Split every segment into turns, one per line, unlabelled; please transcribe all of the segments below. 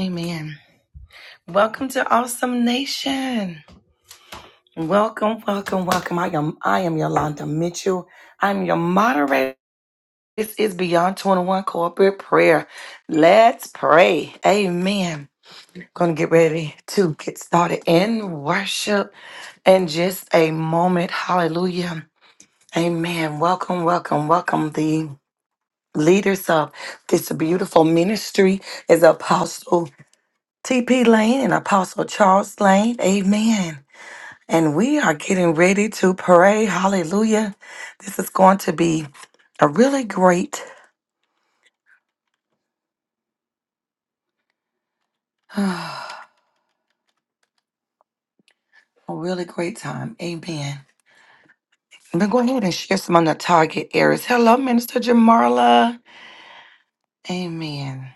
Amen. Welcome to Awesome Nation. Welcome, welcome, welcome. I am I am Yolanda Mitchell. I'm your moderator. This is Beyond 21 Corporate Prayer. Let's pray. Amen. Gonna get ready to get started in worship in just a moment. Hallelujah. Amen. Welcome, welcome, welcome the leaders of this beautiful ministry is apostle. TP Lane and Apostle Charles Lane. Amen. And we are getting ready to pray. Hallelujah. This is going to be a really great, a really great time. Amen. I'm going to go ahead and share some on the target areas. Hello, Minister Jamarla. Amen.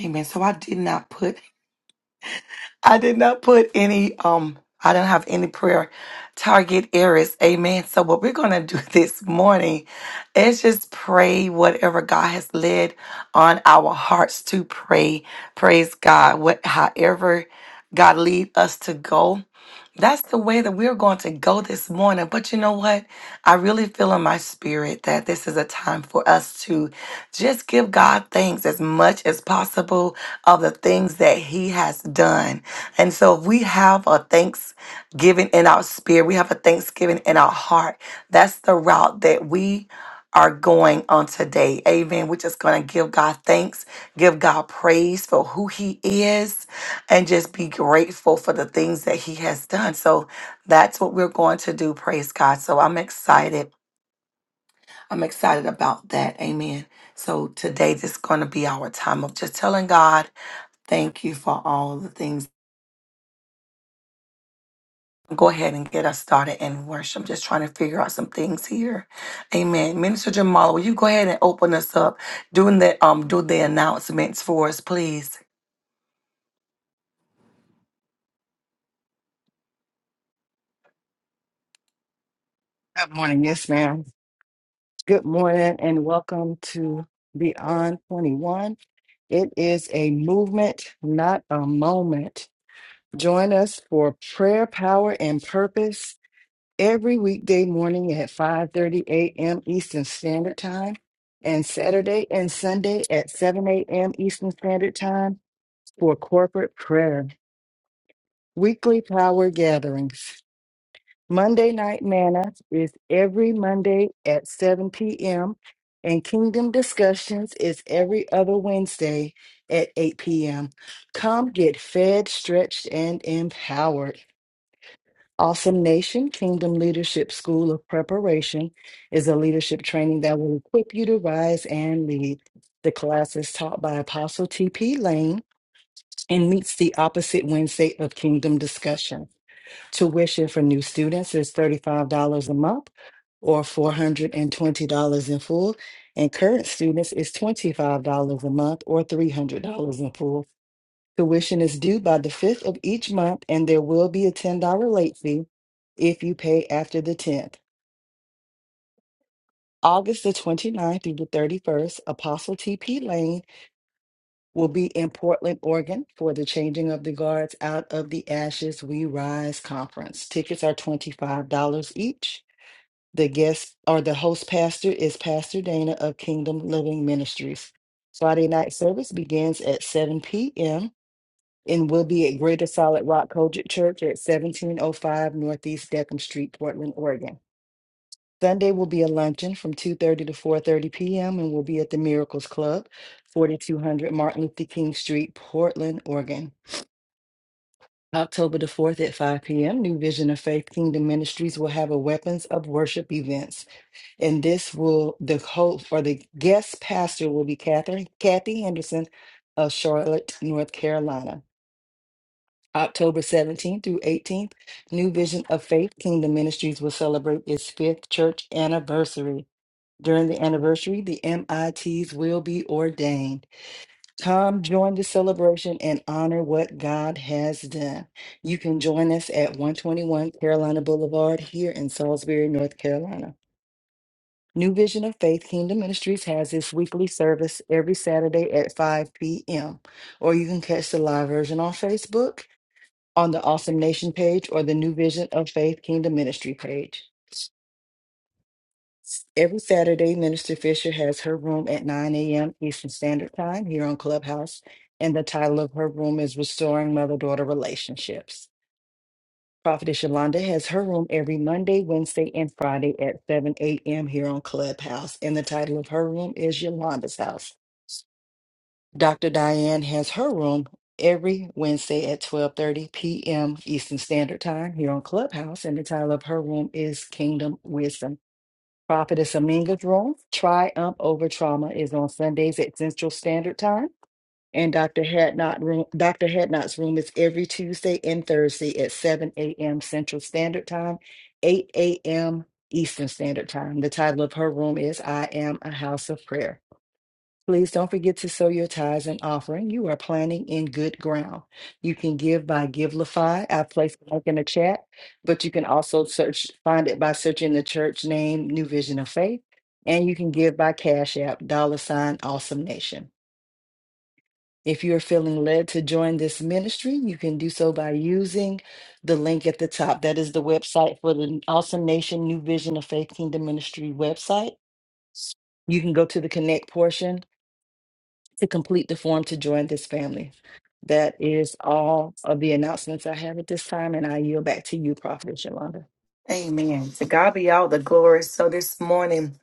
Amen. So I did not put I did not put any um I don't have any prayer target areas. Amen. So what we're gonna do this morning is just pray whatever God has led on our hearts to pray. Praise God. What however God lead us to go that's the way that we're going to go this morning. But you know what? I really feel in my spirit that this is a time for us to just give God thanks as much as possible of the things that He has done. And so, if we have a thanksgiving in our spirit, we have a thanksgiving in our heart, that's the route that we are going on today. Amen. We're just going to give God thanks, give God praise for who He is and just be grateful for the things that he has done. So that's what we're going to do. Praise God. So I'm excited. I'm excited about that. Amen. So today this is going to be our time of just telling God, thank you for all the things. Go ahead and get us started in worship. I'm just trying to figure out some things here. Amen. Minister Jamal, will you go ahead and open us up doing the um do the announcements for us, please?
Good morning, yes, ma'am. Good morning and welcome to Beyond 21. It is a movement, not a moment. Join us for prayer, power, and purpose every weekday morning at 5:30 a.m. Eastern Standard Time and Saturday and Sunday at 7 a.m. Eastern Standard Time for corporate prayer. Weekly power gatherings. Monday Night Manna is every Monday at 7 p.m., and Kingdom Discussions is every other Wednesday at 8 p.m. Come get fed, stretched, and empowered. Awesome Nation Kingdom Leadership School of Preparation is a leadership training that will equip you to rise and lead. The class is taught by Apostle T.P. Lane and meets the opposite Wednesday of Kingdom Discussion. Tuition for new students is $35 a month or $420 in full. And current students is $25 a month or $300 in full. Tuition is due by the 5th of each month, and there will be a $10 late fee if you pay after the 10th. August the 29th through the 31st, Apostle TP Lane will be in Portland, Oregon for the Changing of the Guards Out of the Ashes We Rise conference. Tickets are $25 each. The guest or the host pastor is Pastor Dana of Kingdom Living Ministries. Friday night service begins at 7 p.m. and will be at Greater Solid Rock Kojic Church at 1705 Northeast Deckham Street, Portland, Oregon. Sunday will be a luncheon from 2:30 to 4:30 p.m. and will be at the Miracles Club, 4200 Martin Luther King Street, Portland, Oregon. October the 4th at 5 p.m., New Vision of Faith Kingdom Ministries will have a Weapons of Worship event and this will the host or the guest pastor will be Catherine Kathy Henderson of Charlotte, North Carolina. October 17th through 18th, New Vision of Faith Kingdom Ministries will celebrate its fifth church anniversary. During the anniversary, the MITs will be ordained. Come join the celebration and honor what God has done. You can join us at 121 Carolina Boulevard here in Salisbury, North Carolina. New Vision of Faith Kingdom Ministries has its weekly service every Saturday at 5 p.m. Or you can catch the live version on Facebook on the Awesome Nation page or the New Vision of Faith Kingdom Ministry page. S- Every Saturday, Minister Fisher has her room at 9 a.m. Eastern Standard Time here on Clubhouse, and the title of her room is Restoring Mother Daughter Relationships. Prophetess Yolanda has her room every Monday, Wednesday, and Friday at 7 a.m. here on Clubhouse. And the title of her room is Yolanda's House. Dr. Diane has her room every Wednesday at 12:30 p.m. Eastern Standard Time here on Clubhouse. And the title of her room is Kingdom Wisdom. Prophetess Aminga's room, Triumph Over Trauma, is on Sundays at Central Standard Time. And Dr. Hadnot room, Dr. Hadnot's room is every Tuesday and Thursday at 7 a.m. Central Standard Time, 8 a.m. Eastern Standard Time. The title of her room is I Am a House of Prayer. Please don't forget to sow your tithes and offering. You are planting in good ground. You can give by GiveLify. I placed the link in the chat, but you can also search, find it by searching the church name, New Vision of Faith, and you can give by Cash App, dollar sign, Awesome Nation. If you're feeling led to join this ministry, you can do so by using the link at the top. That is the website for the Awesome Nation New Vision of Faith Kingdom Ministry website. You can go to the connect portion to complete the form to join this family. That is all of the announcements I have at this time, and I yield back to you, Prophet Shalonda.
Amen. To God be all the glory. So this morning.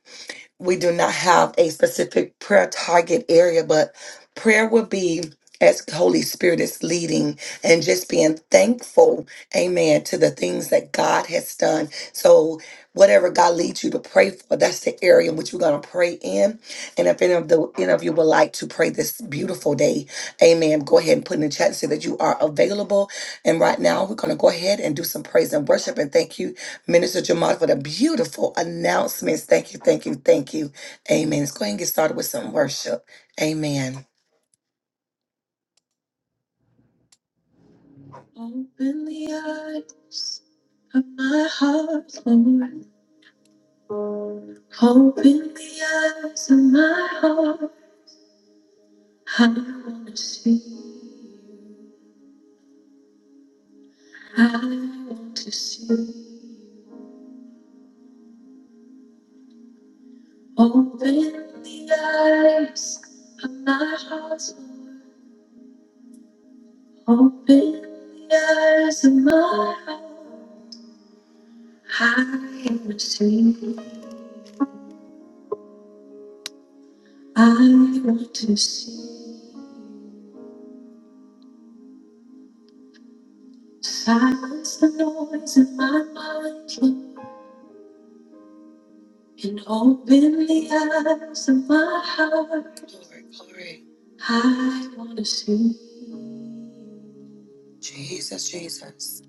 we do not have a specific prayer target area, but prayer would be as Holy Spirit is leading and just being thankful, amen, to the things that God has done. So whatever God leads you to pray for, that's the area in which you're gonna pray in. And if any of the any of you would like to pray this beautiful day, amen, go ahead and put in the chat and say that you are available. And right now we're gonna go ahead and do some praise and worship and thank you Minister Jamal for the beautiful announcements. Thank you, thank you, thank you. Amen. Let's go ahead and get started with some worship. Amen. Glory, glory. Jesus, Jesus,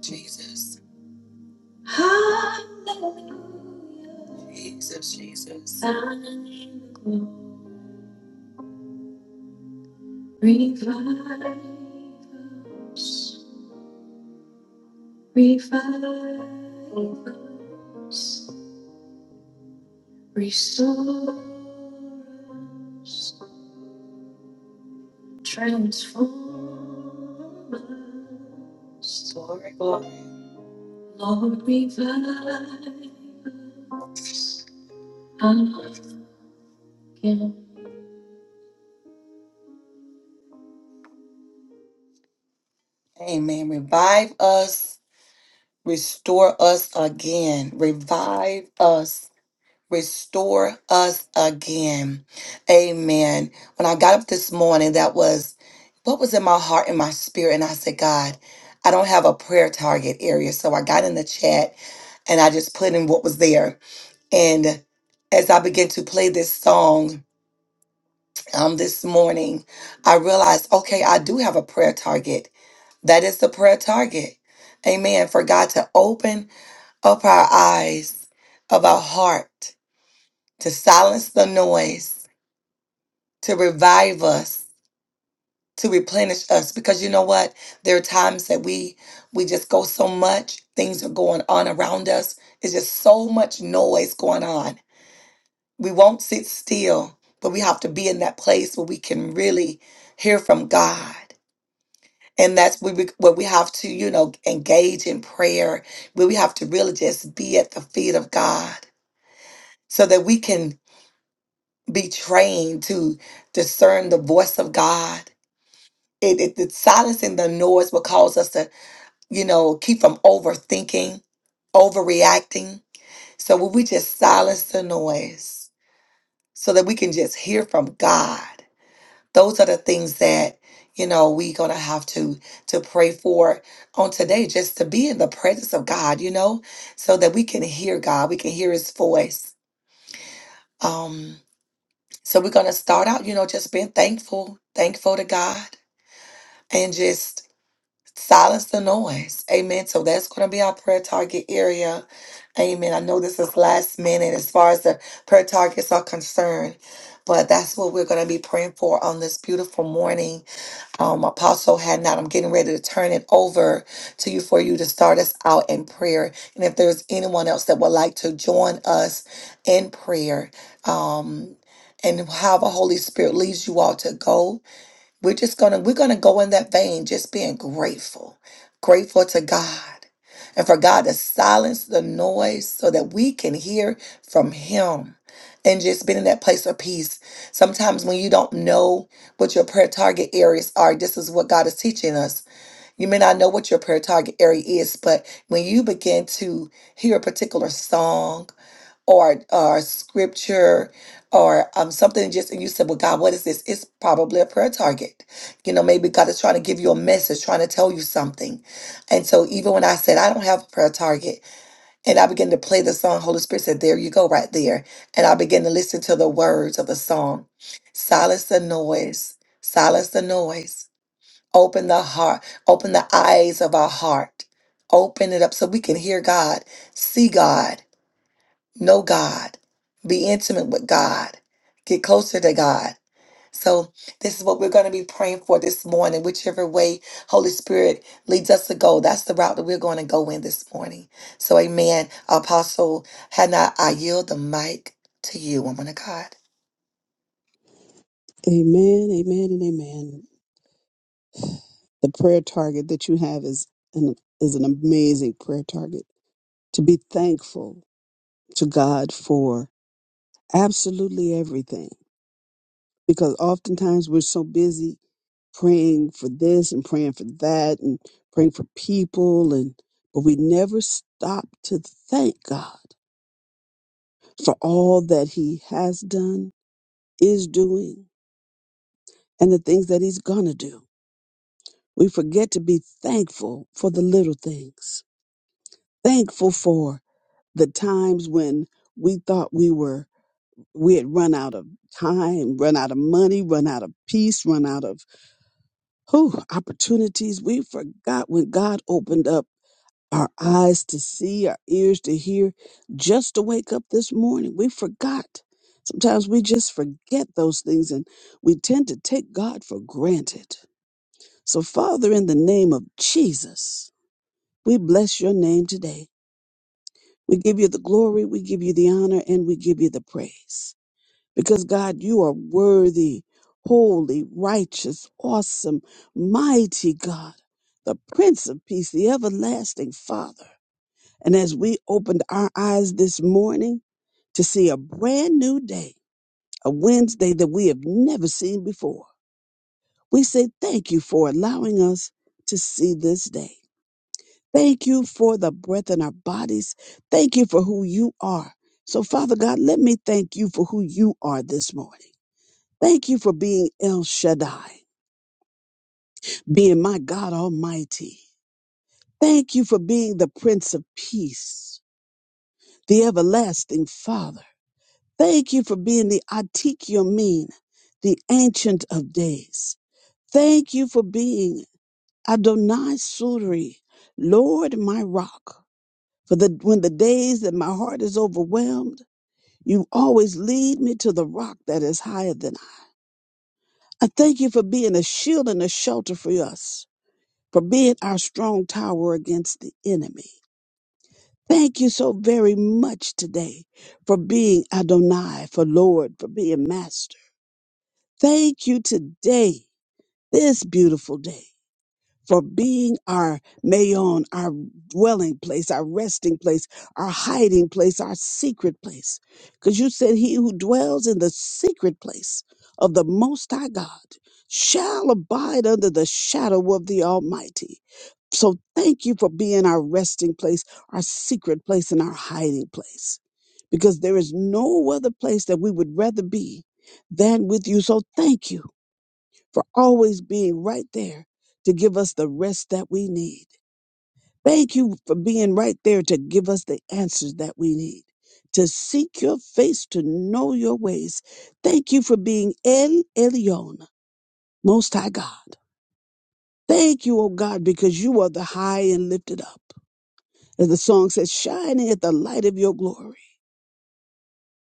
Jesus. Hallelujah. Jesus, Jesus. Hallelujah. Amen. Revive us, restore us again. Revive us restore us again. Amen. When I got up this morning, that was what was in my heart and my spirit. And I said, God, I don't have a prayer target area. So I got in the chat and I just put in what was there. And as I began to play this song um, this morning, I realized, okay, I do have a prayer target. That is the prayer target. Amen. For God to open up our eyes of our heart, to silence the noise to revive us to replenish us because you know what there are times that we we just go so much things are going on around us it's just so much noise going on we won't sit still but we have to be in that place where we can really hear from god and that's where we, where we have to you know engage in prayer where we have to really just be at the feet of god so that we can be trained to discern the voice of god it, it the silence and the noise will cause us to you know keep from overthinking overreacting so when we just silence the noise so that we can just hear from god those are the things that you know we are gonna have to to pray for on today just to be in the presence of god you know so that we can hear god we can hear his voice um so we're gonna start out you know just being thankful thankful to god and just Silence the noise. Amen. So that's going to be our prayer target area. Amen. I know this is last minute as far as the prayer targets are concerned, but that's what we're going to be praying for on this beautiful morning. Um, Apostle had not. I'm getting ready to turn it over to you for you to start us out in prayer. And if there's anyone else that would like to join us in prayer, um, and however Holy Spirit leads you all to go, we're just gonna we're gonna go in that vein, just being grateful, grateful to God, and for God to silence the noise so that we can hear from Him, and just being in that place of peace. Sometimes when you don't know what your prayer target areas are, this is what God is teaching us. You may not know what your prayer target area is, but when you begin to hear a particular song or or scripture or um something just and you said, Well, God, what is this? It's probably a prayer target. You know, maybe God is trying to give you a message, trying to tell you something. And so even when I said I don't have a prayer target, and I began to play the song, Holy Spirit said, There you go, right there. And I began to listen to the words of the song. Silence the noise, silence the noise. Open the heart, open the eyes of our heart. Open it up so we can hear God, see God know God, be intimate with God, get closer to God. So, this is what we're going to be praying for this morning, whichever way Holy Spirit leads us to go. That's the route that we're going to go in this morning. So, amen. Apostle Hannah, I yield the mic to you, woman of God.
Amen, amen, and amen. The prayer target that you have is an is an amazing prayer target. To be thankful to God for absolutely everything. Because oftentimes we're so busy praying for this and praying for that and praying for people and but we never stop to thank God for all that He has done, is doing, and the things that He's gonna do. We forget to be thankful for the little things thankful for the times when we thought we were we had run out of time, run out of money, run out of peace, run out of whew, opportunities. We forgot when God opened up our eyes to see, our ears to hear, just to wake up this morning. We forgot. Sometimes we just forget those things and we tend to take God for granted. So, Father, in the name of Jesus, we bless your name today. We give you the glory, we give you the honor, and we give you the praise. Because God, you are worthy, holy, righteous, awesome, mighty God, the Prince of Peace, the everlasting Father. And as we opened our eyes this morning to see a brand new day, a Wednesday that we have never seen before, we say thank you for allowing us to see this day. Thank you for the breath in our bodies. Thank you for who you are. So, Father God, let me thank you for who you are this morning. Thank you for being El Shaddai, being my God Almighty. Thank you for being the Prince of Peace, the Everlasting Father. Thank you for being the Atik Yomin, the Ancient of Days. Thank you for being Adonai Suri, Lord my Rock. For the, when the days that my heart is overwhelmed, You always lead me to the rock that is higher than I. I thank you for being a shield and a shelter for us, for being our strong tower against the enemy. Thank you so very much today for being Adonai, for Lord, for being Master. Thank you today, this beautiful day. for being our mayon, our dwelling place, our resting place, our hiding place, our secret place. Because you said, He who dwells in the secret place of the Most High God shall abide under the shadow of the Almighty. So thank you for being our resting place, our secret place, and our hiding place. Because there is no other place that we would rather be than with you. So thank you for always being right there to give us the rest that we need. Thank you for being right there to give us the answers that we need, to seek your face, to know your ways. Thank you for being El Elyon, Most High God. Thank you, O God, because you are the high and lifted up. As the song says, shining at the light of your glory.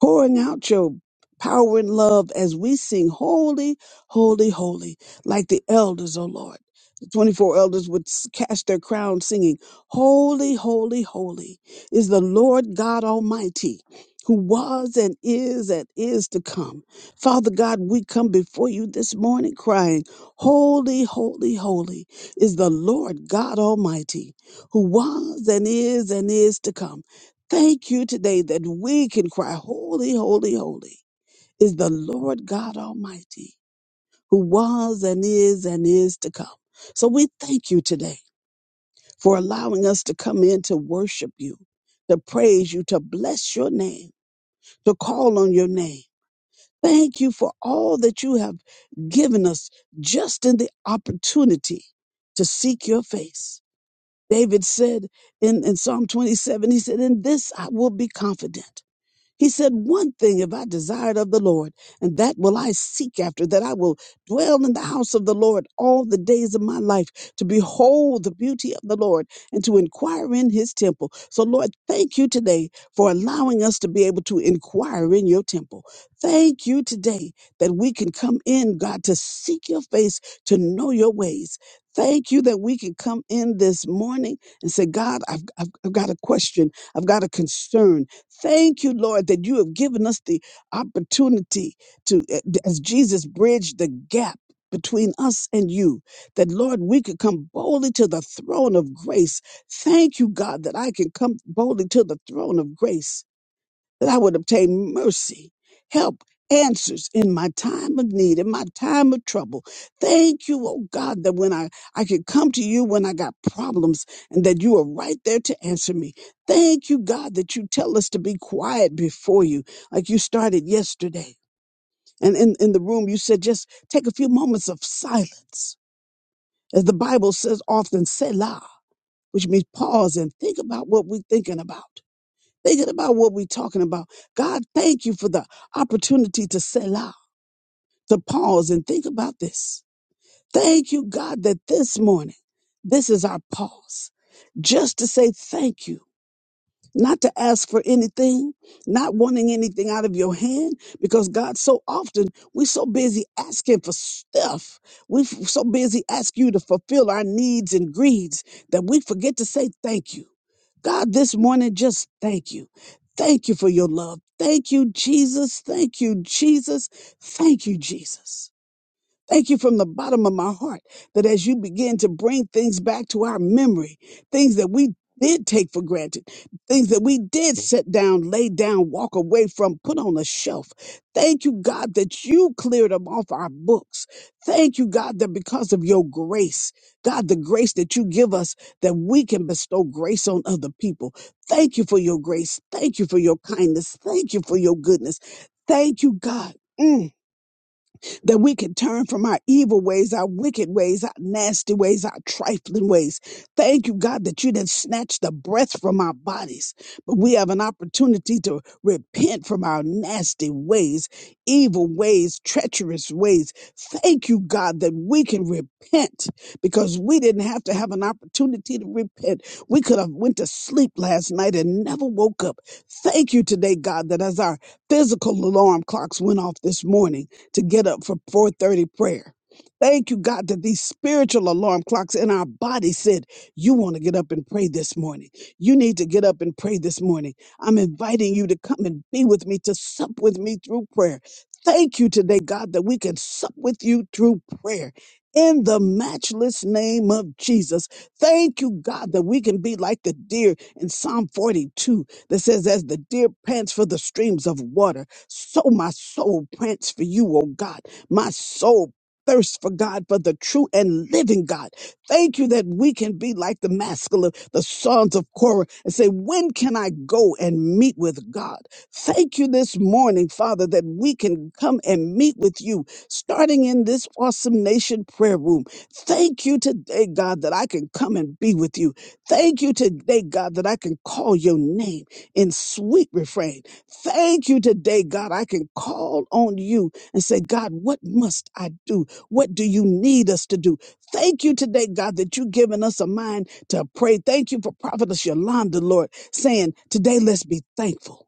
pouring out your power and love as we sing holy, holy, holy, like the elders, O Lord. The 24 elders would s- cast their crown singing, Holy, holy, holy is the Lord God Almighty, who was and is and is to come. Father God, we come before you this morning crying, Holy, holy, holy is the Lord God Almighty, who was and is and is to come. Thank you today that we can cry, Holy, holy, holy is the Lord God Almighty, who was and is and is to come. So we thank you today for allowing us to come in to worship you, to praise you, to bless your name, to call on your name. Thank you for all that you have given us just in the opportunity to seek your face. David said in, in Psalm 27, he said, In this I will be confident He said, One thing have I desired of the Lord, and that will I seek after, that I will dwell in the house of the Lord all the days of my life, to behold the beauty of the Lord and to inquire in his temple. So, Lord, thank you today for allowing us to be able to inquire in your temple. Thank you today that we can come in, God, to seek your face, to know your ways. Thank you that we can come in this morning and say, God, I've, I've, I've got a question. I've got a concern. Thank you, Lord, that you have given us the opportunity to, eh, as Jesus bridged the gap between us and you, that Lord, we could come boldly to the throne of grace. Thank you, God, that I can come boldly to the throne of grace that I would obtain mercy, help, answers in my time of need, in my time of trouble. Thank you, oh God, that when I, I could come to you when I got problems and that you are right there to answer me. Thank you, God, that you tell us to be quiet before you, like you started yesterday. And in, in the room, you said, just take a few moments of silence. As the Bible says often, Selah, which means pause and think about what we're thinking about. Thinking about what we're talking about. God, thank you for the opportunity to Selah, to pause and think about this. Thank you, God, that this morning, this is our pause just to say thank you not to ask for anything, not wanting anything out of your hand, because God, so often we're so busy asking for stuff. We're f- so busy asking you to fulfill our needs and greeds that we forget to say thank you. God, this morning, just thank you. Thank you for your love. Thank you, Jesus. Thank you, Jesus. Thank you, Jesus. Thank you from the bottom of my heart that as you begin to bring things back to our memory, things that we did take for granted, things that we did set down, lay down, walk away from, put on a shelf. Thank you, God, that you cleared them off our books. Thank you, God, that because of your grace, God, the grace that you give us, that we can bestow grace on other people. Thank you for your grace. Thank you for your kindness. Thank you for your goodness. Thank you, God. Mm that we can turn from our evil ways, our wicked ways, our nasty ways, our trifling ways. Thank you, God, that you didn't snatch the breath from our bodies, but we have an opportunity to repent from our nasty ways, evil ways, treacherous ways. Thank you, God, that we can repent because we didn't have to have an opportunity to repent. We could have went to sleep last night and never woke up. Thank you today, God, that as our physical alarm clocks went off this morning, to get up for 4:30 prayer. Thank you, God, that these spiritual alarm clocks in our body said, You want to get up and pray this morning. You need to get up and pray this morning. I'm inviting you to come and be with me, to sup with me through prayer. Thank you today, God, that we can sup with you through prayer. In the matchless name of Jesus. Thank you, God, that we can be like the deer in Psalm 42 that says, As the deer pants for the streams of water so my soul pants for you, oh God. My soul thirsts for God, for the true and living God. Thank you that we can be like the masculine, the sons of Korah, and say, when can I go and meet with God? Thank you this morning, Father, that we can come and meet with you, starting in this awesome nation prayer room. Thank you today, God, that I can come and be with you. Thank you today, God, that I can call your name in sweet refrain. Thank you today, God. I can call on you and say, God, what must I do? What do you need us to do? Thank you today, God, that you've given us a mind to pray. Thank you for Prophetess Yolanda, Lord, saying, today let's be thankful.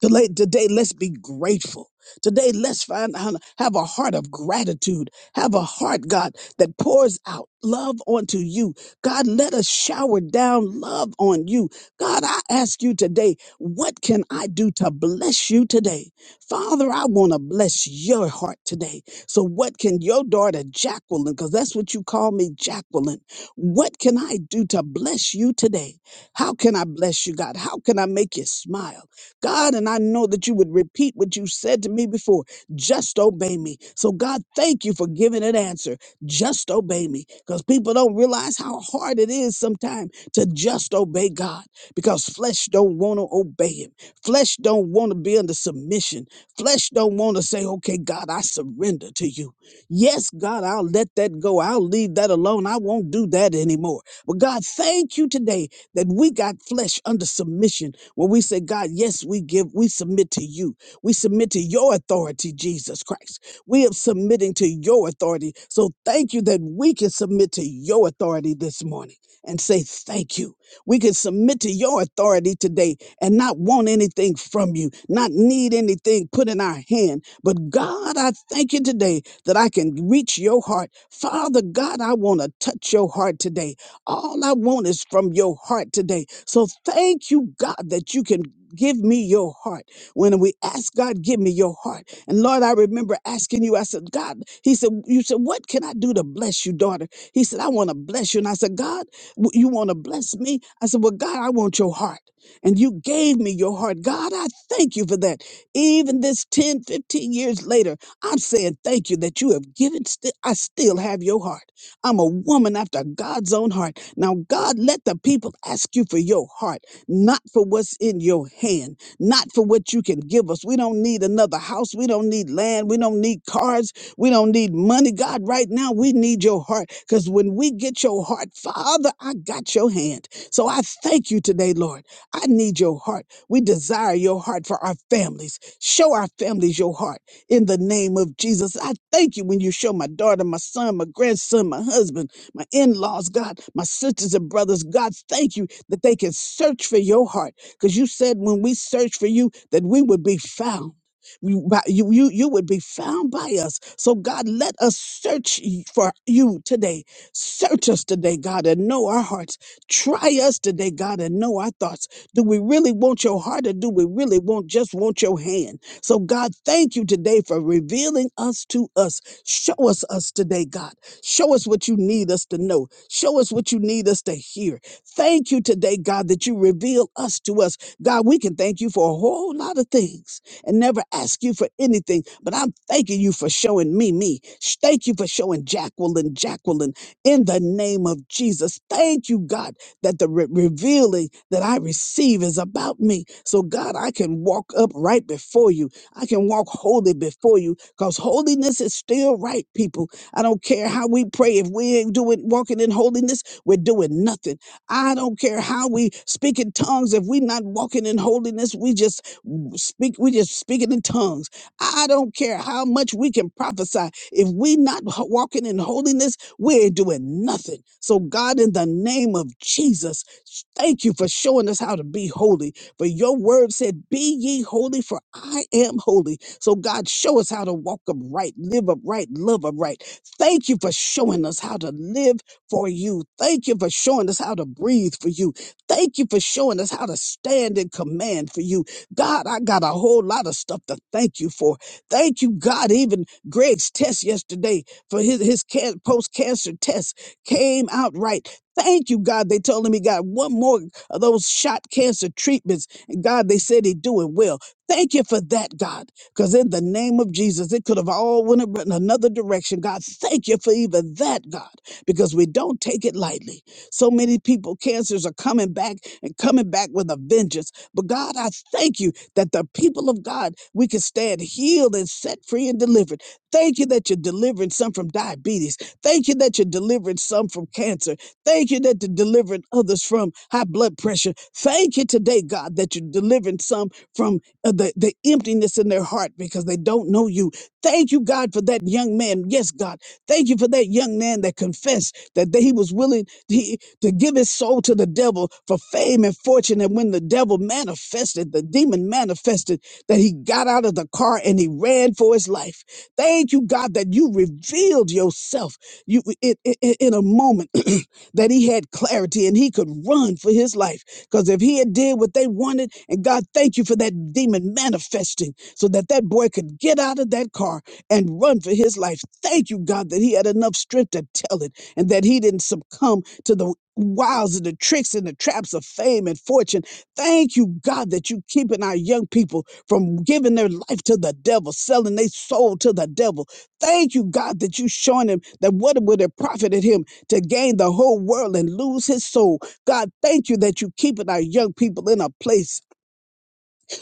Today, today, let's be grateful. Today, let's find how to have a heart of gratitude. Have a heart, God, that pours out love onto you. God, let us shower down love on you. God, I ask you today, what can I do to bless you today? Father, I want to bless your heart today. So, what can your daughter, Jacqueline, because that's what you call me, Jacqueline, what can I do to bless you today? How can I bless you, God? How can I make you smile? God, and I know that you would repeat what you said to me before just obey me. So, God, thank you for giving an answer. Just obey me because people don't realize how hard it is sometimes to just obey God because flesh don't want to obey him. Flesh don't want to be under submission. Flesh don't want to say, okay, God, I surrender to you. Yes, God, I'll let that go. I'll leave that alone. I won't do that anymore. But God, thank you today that we got flesh under submission when we say, God, yes, we give, we submit to you. We submit to your authority, Jesus Christ. We are submitting to your authority. So thank you that we can submit to your authority this morning and say thank you. We can submit to your authority today and not want anything from you, not need anything put in our hand. But God, I thank you today that I can reach your heart. Father God, I want to touch your heart today. All I want is from your heart today. So thank you, God, that you can give me your heart. When we ask God, give me your heart. And Lord, I remember asking you, I said, God, he said, you said, what can I do to bless you, daughter? He said, I want to bless you. And I said, God, w- you want to bless me? I said, well, God, I want your heart. And you gave me your heart. God, I thank you for that. Even this 10, 15 years later, I'm saying thank you that you have given, sti- I still have your heart. I'm a woman after God's own heart. Now, God, let the people ask you for your heart, not for what's in your hand, not for what you can give us. We don't need another house. We don't need land. We don't need cars. We don't need money. God, right now, we need your heart because when we get your heart, Father, I got your hand. So I thank you today, Lord. I need your heart. We desire your heart for our families. Show our families your heart in the name of Jesus. I thank you when you show my daughter, my son, my grandson, my husband my in laws, God, my sisters and brothers. God, thank you that they can search for your heart because you said when we search for you that we would be found. You, by- you, you, you would be found by us. So, God, let us search y- for you today. Search us today, God, and know our hearts. Try us today, God, and know our thoughts. Do we really want your heart or do we really want just want your hand? So, God, thank you today for revealing us to us. Show us us today, God. Show us what you need us to know. Show us what you need us to hear. Thank you today, God, that you reveal us to us. God, we can thank you for a whole lot of things and never ask you for anything, but I'm thanking you for showing me, me. Sh- Thank you for showing Jacqueline, Jacqueline, in the name of Jesus. Thank you, God, that the re- revealing that I receive is about me. So, God, I can walk up right before you. I can walk holy before you because holiness is still right, people. I don't care how we pray. If we ain't doing walking in holiness, we're doing nothing. I don't care how we speak in tongues. If we're not walking in holiness, we just speak, we just speaking in tongues. I don't care how much we can prophesy. If we not h- walking in holiness, we're doing nothing. So God, in the name of Jesus, sh- thank you for showing us how to be holy. For your word said, be ye holy for I am holy. So God, show us how to walk upright, live upright, love upright Thank you for showing us how to live for you. Thank you for showing us how to breathe for you. Thank you for showing us how to stand in command for you. God, I got a whole lot of stuff to thank you for. Thank you, God. Even Greg's test yesterday for his, his can- post-cancer test came out right. Thank you, God. They told him he got one more of those shot cancer treatments. And God, they said he's doing well. Thank you for that, God. Because in the name of Jesus, it could have all went in another direction. God, thank you for even that, God, because we don't take it lightly. So many people, cancers are coming back and coming back with a vengeance. But God, I thank you that the people of God, we can stand healed and set free and delivered. Thank you that you're delivering some from diabetes. Thank you that you're delivering some from cancer. Thank you that you're delivering others from high blood pressure. Thank you today, God, that you're delivering some from uh, the, the emptiness in their heart because they don't know you. Thank you, God, for that young man. Yes, God. Thank you for that young man that confessed that they- he was willing he to give his soul to the devil for fame and fortune. And when the devil manifested, the demon manifested, that he got out of the car and he ran for his life. Thank you, God, that you revealed yourself you, it, it, it- in a moment that he had clarity and he could run for his life. Because if he had did what they wanted, and God, thank you for that demon manifesting so that that boy could get out of that car and run for his life. Thank you, God, that he had enough strength to tell it and that he didn't succumb to the wiles and the tricks and the traps of fame and fortune. Thank you, God, that you keeping our young people from giving their life to the devil, selling their soul to the devil. Thank you, God, that you showing him that what would it profit him to gain the whole world and lose his soul? God, thank you that you keeping our young people in a place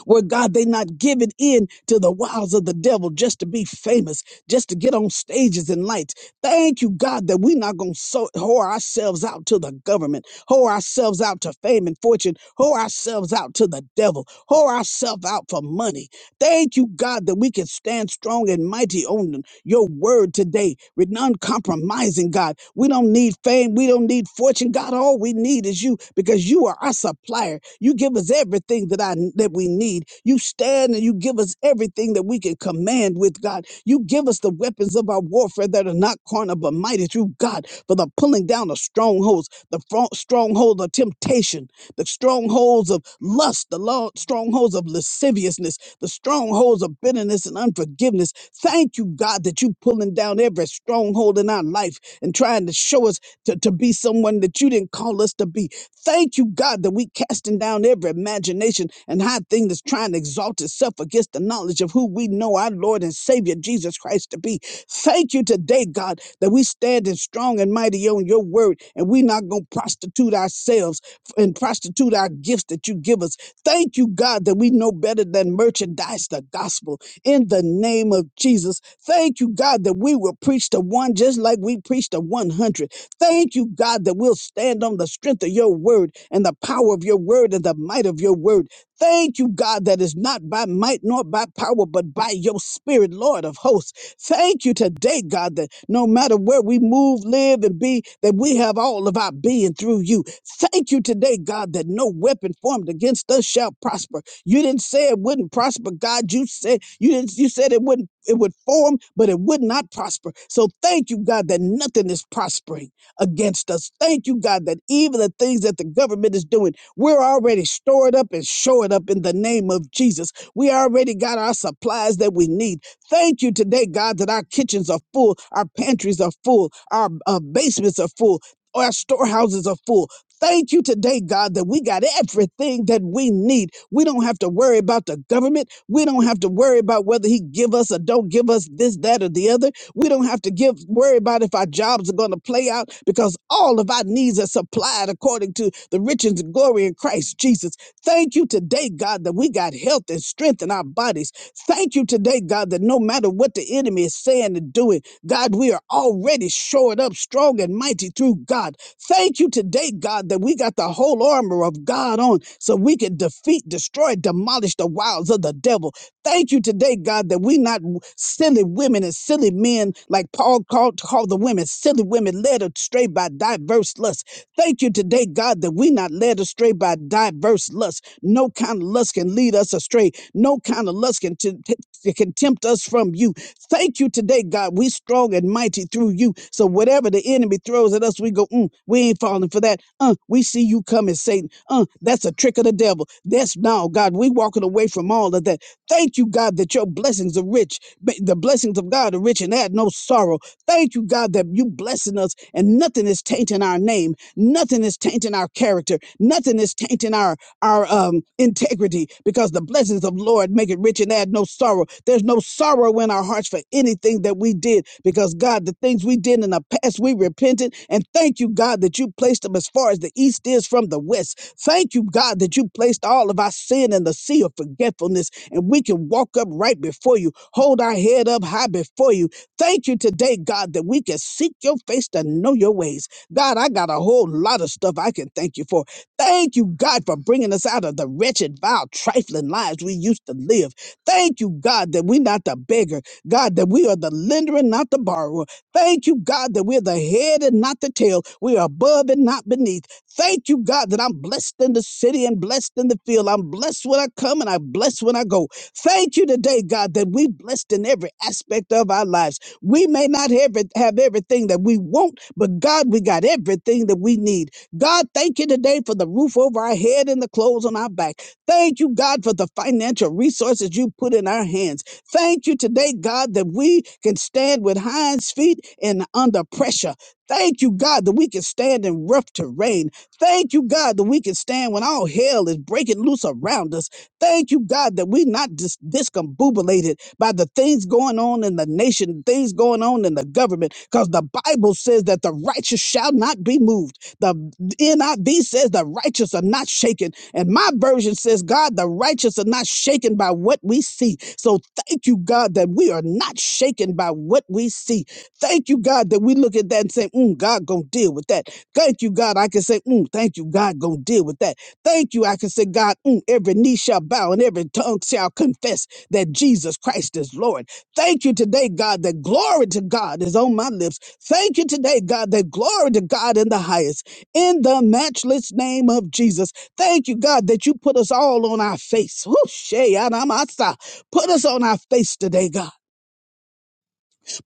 where, God, they not giving in to the wiles of the devil just to be famous, just to get on stages and lights. Thank you, God, that we not going to so- whore ourselves out to the government, whore ourselves out to fame and fortune, whore ourselves out to the devil, whore ourselves out for money. Thank you, God, that we can stand strong and mighty on your word today, with uncompromising, God. We don't need fame. We don't need fortune, God. All we need is you because you are our supplier. You give us everything that I that we need. You stand and you give us everything that we can command with, God. You give us the weapons of our warfare that are not carnal but mighty through God for the pulling down of strongholds, the fro- stronghold of temptation the strongholds of lust, the lo- strongholds of lasciviousness, the strongholds of bitterness and unforgiveness. Thank you, God, that you pulling down every stronghold in our life and trying to show us to, to be someone that you didn't call us to be. Thank you, God, that we casting down every imagination and high thing that's trying to exalt itself against the knowledge of who we know our Lord and Savior Jesus Christ to be. Thank you today, God, that we standing strong and mighty on your word and we not going to prostitute ourselves and prostitute our gifts that you give us. Thank you, God, that we know better than merchandise the gospel in the name of Jesus. Thank you, God, that we will preach to one just like we preached to 100. Thank you, God, that we'll stand on the strength of your word and the power of your word and the might of your word. Thank you, God, that is not by might nor by power, but by your spirit, Lord of hosts. Thank you today, God, that no matter where we move, live, and be, that we have all of our being through you. Thank you today, God, that no weapon formed against us shall prosper. You didn't say it wouldn't prosper, God. You said you didn't you said it wouldn't it would form, but it would not prosper. So thank you, God, that nothing is prospering against us. Thank you, God, that even the things that the government is doing, we're already stored up and shored up in the name of Jesus. We already got our supplies that we need. Thank you today, God, that our kitchens are full, our pantries are full, our uh, basements are full, our storehouses are full. Thank you today, God, that we got everything that we need. We don't have to worry about the government. We don't have to worry about whether he give us or don't give us this, that, or the other. We don't have to give worry about if our jobs are going to play out because all of our needs are supplied according to the riches and glory in Christ Jesus. Thank you today, God, that we got health and strength in our bodies. Thank you today, God, that no matter what the enemy is saying and doing, God, we are already shored up strong and mighty through God. Thank you today, God, that we got the whole armor of God on so we can defeat, destroy, demolish the wiles of the devil. Thank you today, God, that we not w- silly women and silly men like Paul called, called the women, silly women led astray by diverse lusts. Thank you today, God, that we not led astray by diverse lusts. No kind of lust can lead us astray. No kind of lust can, t- t- t- can tempt us from you. Thank you today, God. We strong and mighty through you. So whatever the enemy throws at us, we go, mm, we ain't falling for that. Uh, we see you coming, Satan. Uh, that's a trick of the devil. That's now, God. We walking away from all of that. Thank you, God, that your blessings are rich. Ba- The blessings of God are rich and add no sorrow. Thank you, God, that you blessing us and nothing is tainting our name. Nothing is tainting our character. Nothing is tainting our our um, integrity because the blessings of Lord make it rich and add no sorrow. There's no sorrow in our hearts for anything that we did because God, the things we did in the past, we repented. And thank you, God, that you placed them as far as the east is from the west. Thank you, God, that you placed all of our sin in the sea of forgetfulness and we can walk up right before you, hold our head up high before you. Thank you today, God, that we can seek your face to know your ways. God, I got a whole lot of stuff I can thank you for Thank you, God, for bringing us out of the wretched, vile, trifling lives we used to live. Thank you, God, that we're not the beggar. God, that we are the lender and not the borrower. Thank you, God, that we're the head and not the tail. We are above and not beneath. Thank you, God, that I'm blessed in the city and blessed in the field. I'm blessed when I come and I'm blessed when I go. Thank you today, God, that we are blessed in every aspect of our lives. We may not have, it- have everything that we want, but God, we got everything that we need. God, thank you today for the roof over our head and the clothes on our back. Thank you, God, for the financial resources you put in our hands. Thank you today, God, that we can stand with hinds feet and under pressure. Thank you, God, that we can stand in rough terrain. Thank you, God, that we can stand when all hell is breaking loose around us. Thank you, God, that we're not dis- discombobulated by the things going on in the nation, things going on in the government, because the Bible says that the righteous shall not be moved. The NIV says the righteous are not shaken. And my version says, God, the righteous are not shaken by what we see. So thank you, God, that we are not shaken by what we see. Thank you, God, that we look at that and say, mm, God gonna deal with that. Thank you, God. I can say, mm, thank you, God gonna deal with that. Thank you. I can say, God, mm, every knee shall bow and every tongue shall confess that Jesus Christ is Lord. Thank you today, God, that glory to God is on my lips. Thank you today, God, that glory to God in the highest in the matchless name of Jesus. Thank you, God, that you put us all on our face. Whoo, shey, adamasa. Put us on our face today, God.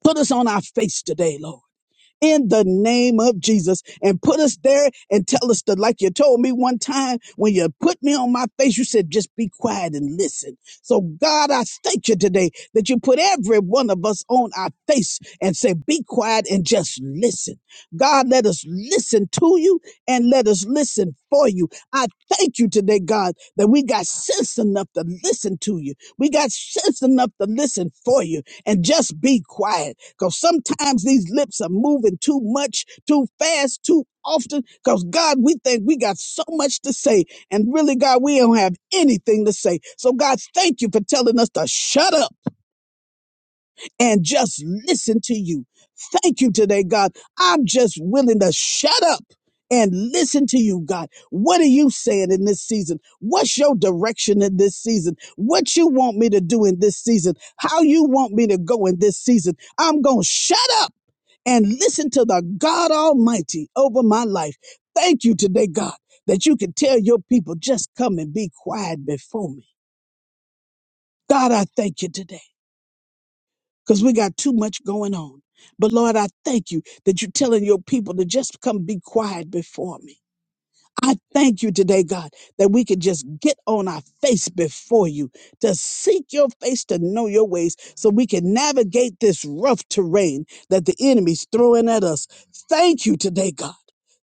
Put us on our face today, Lord in the name of Jesus and put us there and tell us to like you told me one time when you put me on my face, you said, just be quiet and listen. So, God, I thank you today that you put every one of us on our face and say, be quiet and just listen. God, let us listen to you and let us listen for you. I thank you today, God, that we got sense enough to listen to you. We got sense enough to listen for you and just be quiet. Because sometimes these lips are moving too much, too fast, too often. Because God, we think we got so much to say. And really, God, we don't have anything to say. So, God, thank you for telling us to shut up and just listen to you. Thank you today, God. I'm just willing to shut up and listen to you, God. What are you saying in this season? What's your direction in this season? What you want me to do in this season? How you want me to go in this season? I'm going to shut up and listen to the God Almighty over my life. Thank you today, God, that you can tell your people just come and be quiet before me. God, I thank you today because we got too much going on. But Lord, I thank you that you're telling your people to just come be quiet before me. I thank you today, God, that we could just get on our face before you to seek your face, to know your ways, so we can navigate this rough terrain that the enemy's throwing at us. Thank you today, God.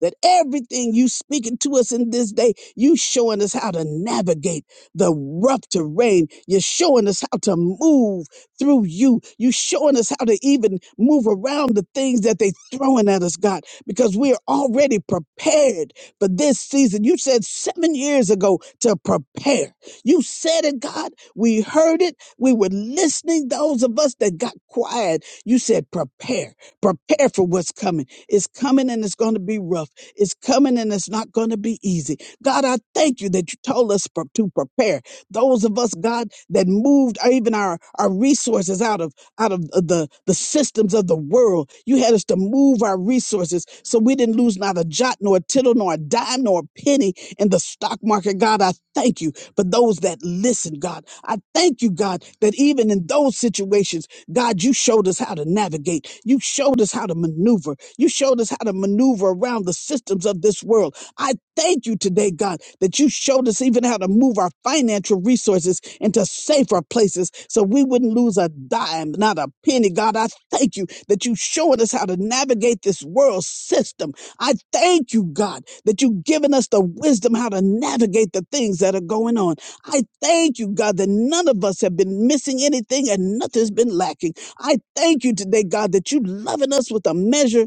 That everything you speaking to us in this day, you showing us how to navigate the rough terrain. You're showing us how to move through you. You showing us how to even move around the things that they throwing at us, God, because we're already prepared for this season. You said seven years ago to prepare. You said it, God. We heard it. We were listening. Those of us that got quiet, you said prepare, prepare for what's coming. It's coming and it's going to be rough. It's coming and it's not going to be easy. God, I thank you that you told us pre- to prepare. Those of us, God, that moved even our, our resources out of out of the, the systems of the world. You had us to move our resources so we didn't lose not a jot, nor a tittle, nor a dime, nor a penny in the stock market. God, I thank you for those that listen, God. I thank you, God, that even in those situations, God, you showed us how to navigate. You showed us how to maneuver. You showed us how to maneuver around the systems of this world I thank you today, God, that you showed us even how to move our financial resources into safer places so we wouldn't lose a dime, not a penny. God, I thank you that you showed us how to navigate this world system. I thank you, God, that you've given us the wisdom how to navigate the things that are going on. I thank you, God, that none of us have been missing anything and nothing's been lacking. I thank you today, God, that you loving us with a measure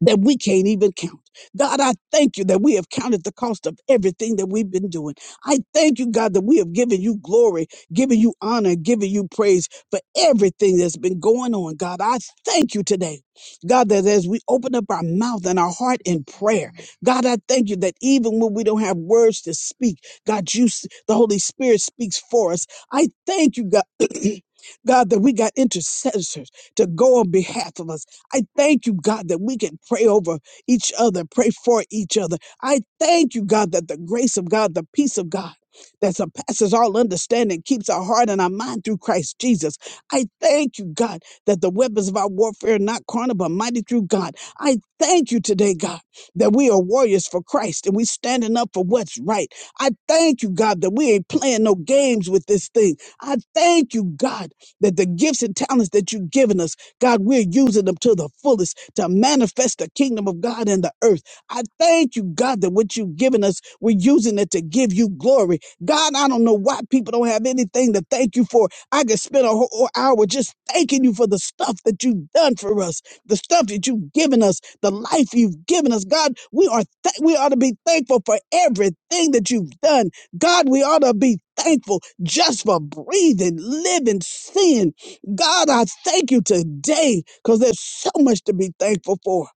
that we can't even count. God, I thank you that we have counted the cost of everything that we've been doing. I thank you, God, that we have given you glory, given you honor, given you praise for everything that's been going on. God, I thank you today. God, that as we open up our mouth and our heart in prayer, God, I thank you that even when we don't have words to speak, God, you, s- the Holy Spirit speaks for us. I thank you, God. God, that we got intercessors to go on behalf of us. I thank you, God, that we can pray over each other, pray for each other. I thank you, God, that the grace of God, the peace of God, that surpasses all understanding keeps our heart and our mind through Christ Jesus. I thank you, God, that the weapons of our warfare are not carnal but mighty through God. I thank you today, God, that we are warriors for Christ and we standing up for what's right. I thank you, God, that we ain't playing no games with this thing. I thank you, God, that the gifts and talents that you've given us God, we're using them to the fullest to manifest the kingdom of God in the earth. I thank you, God, that what you've given us, we're using it to give you glory. God, I don't know why people don't have anything to thank you for. I could spend a whole hour just thanking you for the stuff that you've done for us, the stuff that you've given us, the life you've given us. God, we are th- we ought to be thankful for everything that you've done. God, we ought to be thankful just for breathing, living, seeing, God, I thank you today because there's so much to be thankful for.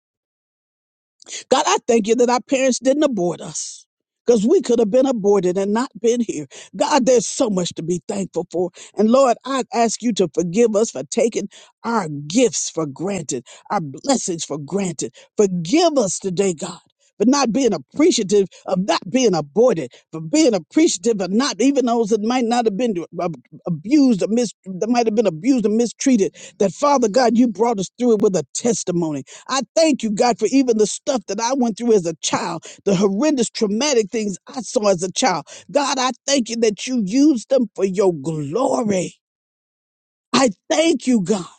God, I thank you that our parents didn't abort us because we could have been aborted and not been here. God, there's so much to be thankful for. And Lord, I ask you to forgive us for taking our gifts for granted, our blessings for granted. Forgive us today, God. For not being appreciative of not being aborted, for being appreciative of not even those that might not have been ab- abused or mis- that might have been abused or mistreated. That Father God, you brought us through it with a testimony. I thank you, God, for even the stuff that I went through as a child, the horrendous traumatic things I saw as a child. God, I thank you that you used them for your glory. I thank you, God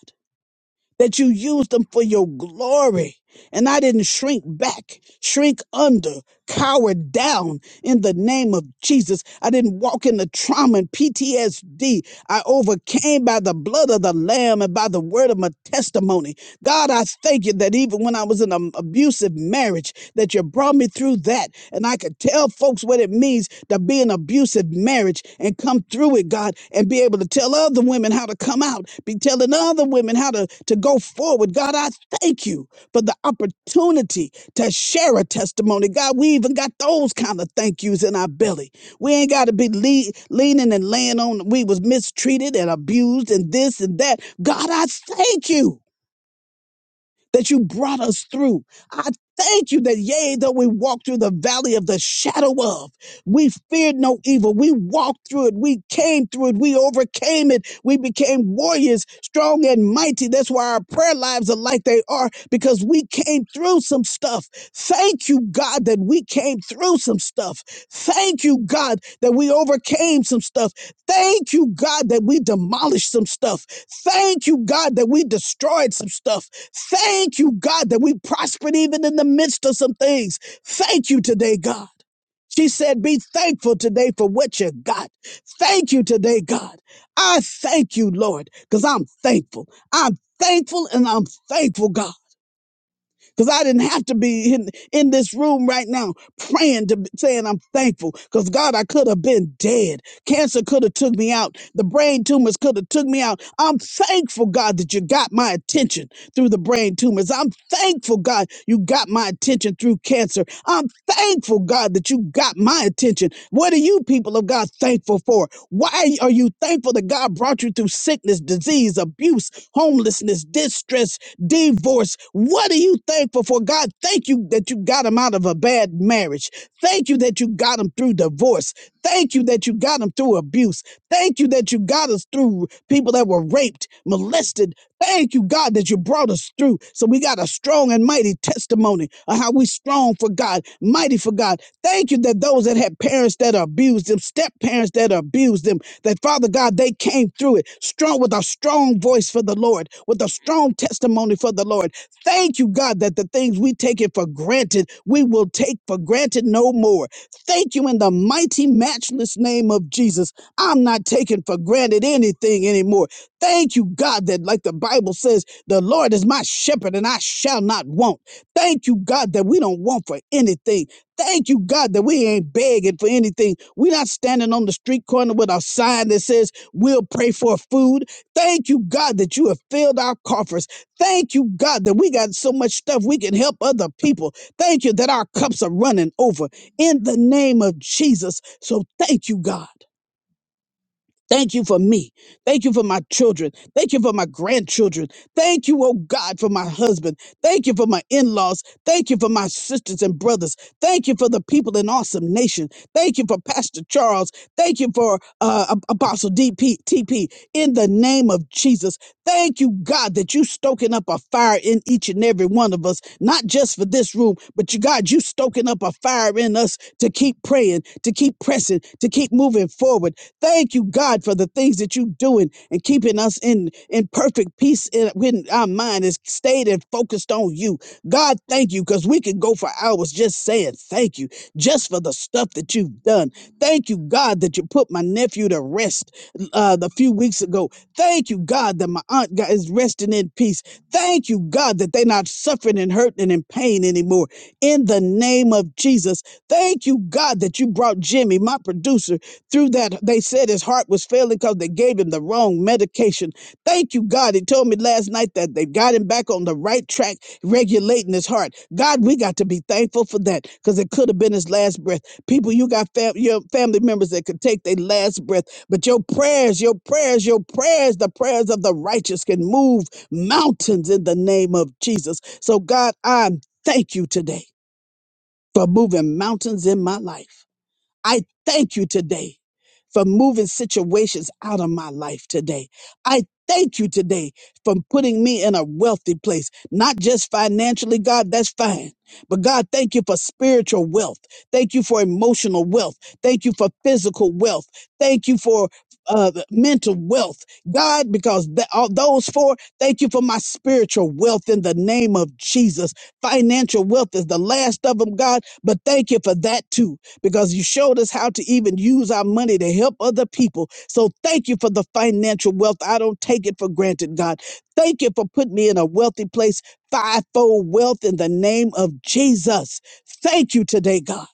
that you used them for your glory. And I didn't shrink back, shrink under, cower down in the name of Jesus. I didn't walk in the trauma and PTSD. I overcame by the blood of the Lamb and by the word of my testimony. God, I thank you that even when I was in an abusive marriage, that you brought me through that. And I could tell folks what it means to be in an abusive marriage and come through it, God, and be able to tell other women how to come out, be telling other women how to, to go forward. God, I thank you for the opportunity to share a testimony. God, we even got those kind of thank yous in our belly. We ain't got to be lea- leaning and laying on we was mistreated and abused and this and that. God, I thank you that you brought us through. I thank you that, yea, though we walk through the valley of the shadow of, we feared no evil. We walked through it. We came through it. We overcame it. We became warriors, strong and mighty. That's why our prayer lives are like they are, because we came through some stuff. Thank you, God, that we came through some stuff. Thank you, God, that we overcame some stuff. Thank you, God, that we demolished some stuff. Thank you, God, that we destroyed some stuff. Thank you, God, that we prospered even in the midst of some things. Thank you today, God. She said, Be thankful today for what you got. Thank you today, God. I thank you, Lord, because I'm thankful. I'm thankful and I'm thankful, God. Because I didn't have to be in, in this room right now praying to saying I'm thankful. Because God, I could have been dead. Cancer could have took me out. The brain tumors could have took me out. I'm thankful, God, that you got my attention through the brain tumors. I'm thankful, God, you got my attention through cancer. I'm thankful, God, that you got my attention. What are you people of God thankful for? Why are you thankful that God brought you through sickness, disease, abuse, homelessness, distress, divorce. What are you thankful for? God, thank you that you got him out of a bad marriage. Thank you that you got him through divorce. Thank you that you got him through abuse. Thank you that you got us through people that were raped, molested. Thank you, God, that you brought us through. So we got a strong and mighty testimony of how we strong for God, mighty for God. Thank you that those that had parents that abused them, step parents that abused them, that Father God, they came through it strong with a strong voice for the Lord, with a strong testimony for the Lord. Thank you, God, that the things we take it for granted, we will take for granted no more. Thank you in the mighty, matchless name of Jesus. I'm not taking for granted anything anymore. Thank you, God, that like the Bible says, the Lord is my shepherd and I shall not want. Thank you, God, that we don't want for anything Thank you, God, that we ain't begging for anything. We're not standing on the street corner with a sign that says, We'll pray for food. Thank you, God, that you have filled our coffers. Thank you, God, that we got so much stuff we can help other people. Thank you that our cups are running over in the name of Jesus. So thank you, God. Thank you for me. Thank you for my children. Thank you for my grandchildren. Thank you, oh God, for my husband. Thank you for my in laws. Thank you for my sisters and brothers. Thank you for the people in Awesome Nation. Thank you for Pastor Charles. Thank you for uh, Ap- Apostle D.P.T.P. In the name of Jesus, thank you, God, that you stoking up a fire in each and every one of us, not just for this room, but you, God, you stoking up a fire in us to keep praying, to keep pressing, to keep moving forward. Thank you, God, for the things that you're doing and keeping us in, in perfect peace in, when our mind is stayed and focused on you. God, thank you, because we could go for hours just saying thank you, just for the stuff that you've done. Thank you, God, that you put my nephew to rest uh, the few weeks ago. Thank you, God, that my aunt got, is resting in peace. Thank you, God, that they're not suffering and hurting and in pain anymore. In the name of Jesus, thank you, God, that you brought Jimmy, my producer through that, they said his heart was failing because they gave him the wrong medication. Thank you, God. He told me last night that they got him back on the right track, regulating his heart. God, we got to be thankful for that because it could have been his last breath. People, you got fam- your family members that could take their last breath, but your prayers, your prayers, your prayers, the prayers of the righteous can move mountains in the name of Jesus. So, God, I thank you today for moving mountains in my life. I thank you today for moving situations out of my life today. I thank you today for putting me in a wealthy place, not just financially, God, that's fine. But God, thank you for spiritual wealth. Thank you for emotional wealth. Thank you for physical wealth. Thank you for uh, mental wealth. God, because th- all those four, thank you for my spiritual wealth in the name of Jesus. Financial wealth is the last of them, God, but thank you for that too because you showed us how to even use our money to help other people. So thank you for the financial wealth. I don't take it for granted, God. Thank you for putting me in a wealthy place, fivefold wealth in the name of Jesus. Thank you today, God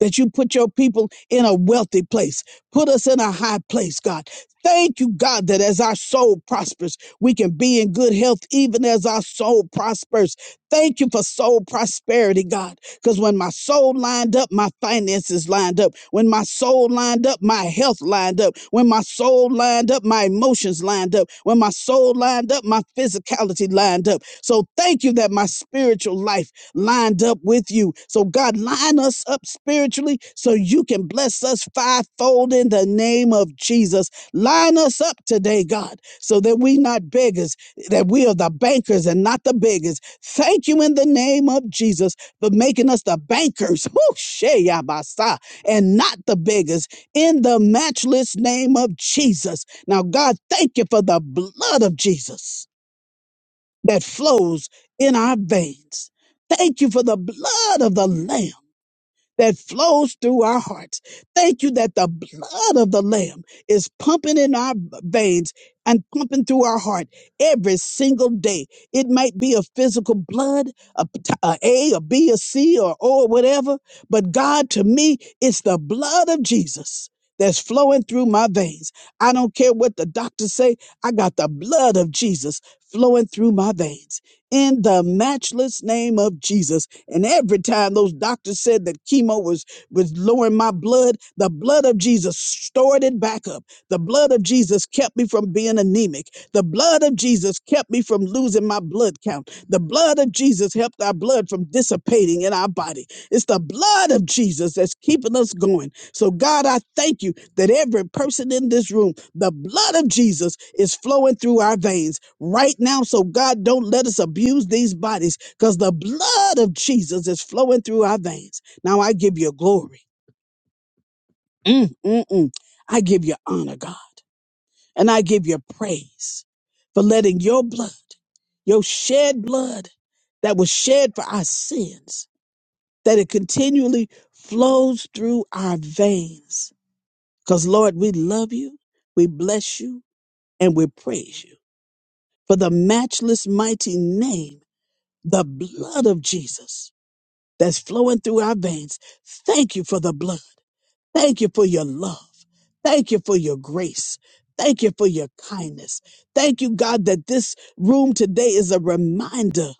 that you put your people in a wealthy place. Put us in a high place, God. Thank you, God, that as our soul prospers, we can be in good health even as our soul prospers. Thank you for soul prosperity, God. Because when my soul lined up, my finances lined up. When my soul lined up, my health lined up. When my soul lined up, my emotions lined up. When my soul lined up, my physicality lined up. So thank you that my spiritual life lined up with you. So, God, line us up spiritually so you can bless us fivefold in the name of Jesus. Line us up today, God, so that we not beggars, that we are the bankers and not the beggars. Thank you in the name of Jesus for making us the bankers whoo, sheyabasa, and not the beggars in the matchless name of Jesus. Now, God, thank you for the blood of Jesus that flows in our veins. Thank you for the blood of the Lamb that flows through our hearts. Thank you that the blood of the Lamb is pumping in our veins and pumping through our heart every single day. It might be a physical blood, a, p- a A, a B, a C, or O, or whatever. But God, to me, it's the blood of Jesus that's flowing through my veins. I don't care what the doctors say. I got the blood of Jesus flowing through my veins in the matchless name of Jesus. And every time those doctors said that chemo was, was lowering my blood, the blood of Jesus stored it back up. The blood of Jesus kept me from being anemic. The blood of Jesus kept me from losing my blood count. The blood of Jesus helped our blood from dissipating in our body. It's the blood of Jesus that's keeping us going. So, God, I thank you that every person in this room the blood of Jesus is flowing through our veins right now. So, God, don't let us abuse these bodies because the blood of Jesus is flowing through our veins. Now, I give you glory. Mm, mm, mm. I give you honor, God. And I give you praise for letting your blood, your shed blood that was shed for our sins, that it continually flows through our veins. Because, Lord, we love you, we bless you, and we praise you. for the matchless mighty name, the blood of Jesus that's flowing through our veins. Thank you for the blood. Thank you for your love. Thank you for your grace. Thank you for your kindness. Thank you, God, that this room today is a reminder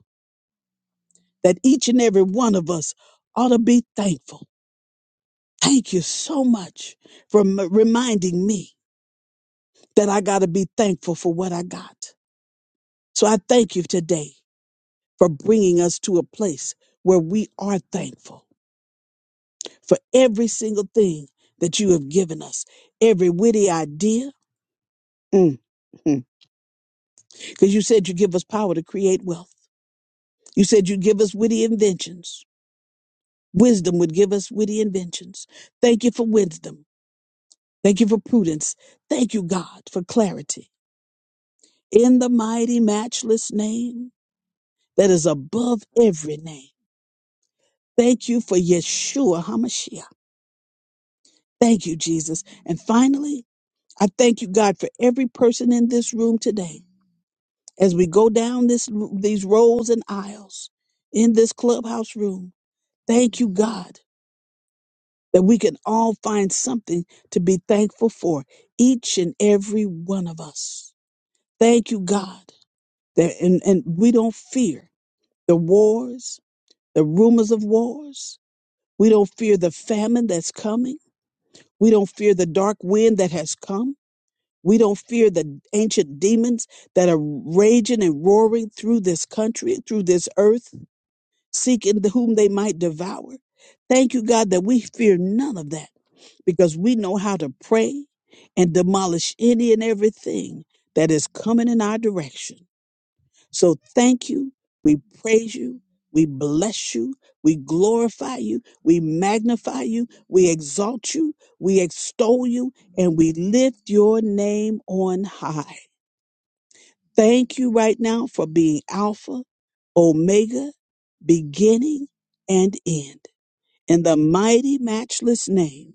that each and every one of us ought to be thankful. Thank you so much for m- reminding me that I got to be thankful for what I got. So I thank you today for bringing us to a place where we are thankful for every single thing that you have given us, every witty idea. Because you said you give us power to create wealth. You said you give us witty inventions. Wisdom would give us witty inventions. Thank you for wisdom. Thank you for prudence. Thank you, God, for clarity. In the mighty, matchless name that is above every name. Thank you for Yeshua HaMashiach. Thank you, Jesus. And finally, I thank you, God, for every person in this room today. As we go down this these rows and aisles in this clubhouse room, thank you, God, that we can all find something to be thankful for, each and every one of us. Thank you, God, that and, and we don't fear the wars, the rumors of wars. We don't fear the famine that's coming. We don't fear the dark wind that has come. We don't fear the ancient demons that are raging and roaring through this country, through this earth, seeking whom they might devour. Thank you, God, that we fear none of that because we know how to pray and demolish any and everything that is coming in our direction. So thank you. We praise you. We bless you. We glorify you. We magnify you. We exalt you. We extol you and we lift your name on high. Thank you right now for being Alpha, Omega, beginning and end. In the mighty, matchless name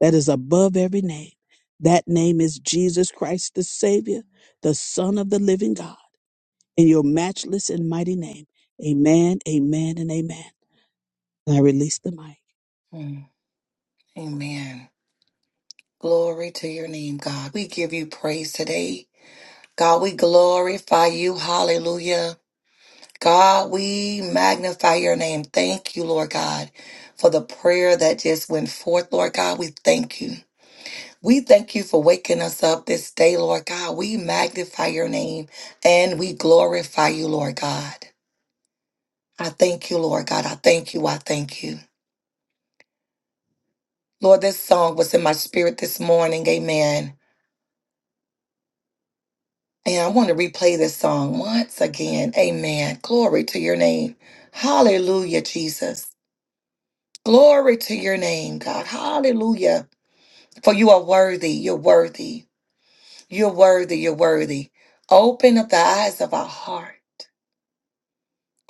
that is above every name, that name is Jesus Christ, the Savior, the Son of the living God. In your matchless and mighty name, amen, amen, and amen. And I release the mic.
Mm, Amen. Glory to your name, God. We give you praise today. God, we glorify you. Hallelujah. God, we magnify your name. Thank you, Lord God, for the prayer that just went forth, Lord God. We thank you. We thank you for waking us up this day, Lord God. We magnify your name and we glorify you, Lord God. I thank you, Lord God. I thank you. I thank you. Lord, this song was in my spirit this morning. Amen. And I want to replay this song once again. Amen. Glory to your name. Hallelujah, Jesus. Glory to your name, God. Hallelujah. For you are worthy, you're worthy, you're worthy, you're worthy. Open up the eyes of our heart,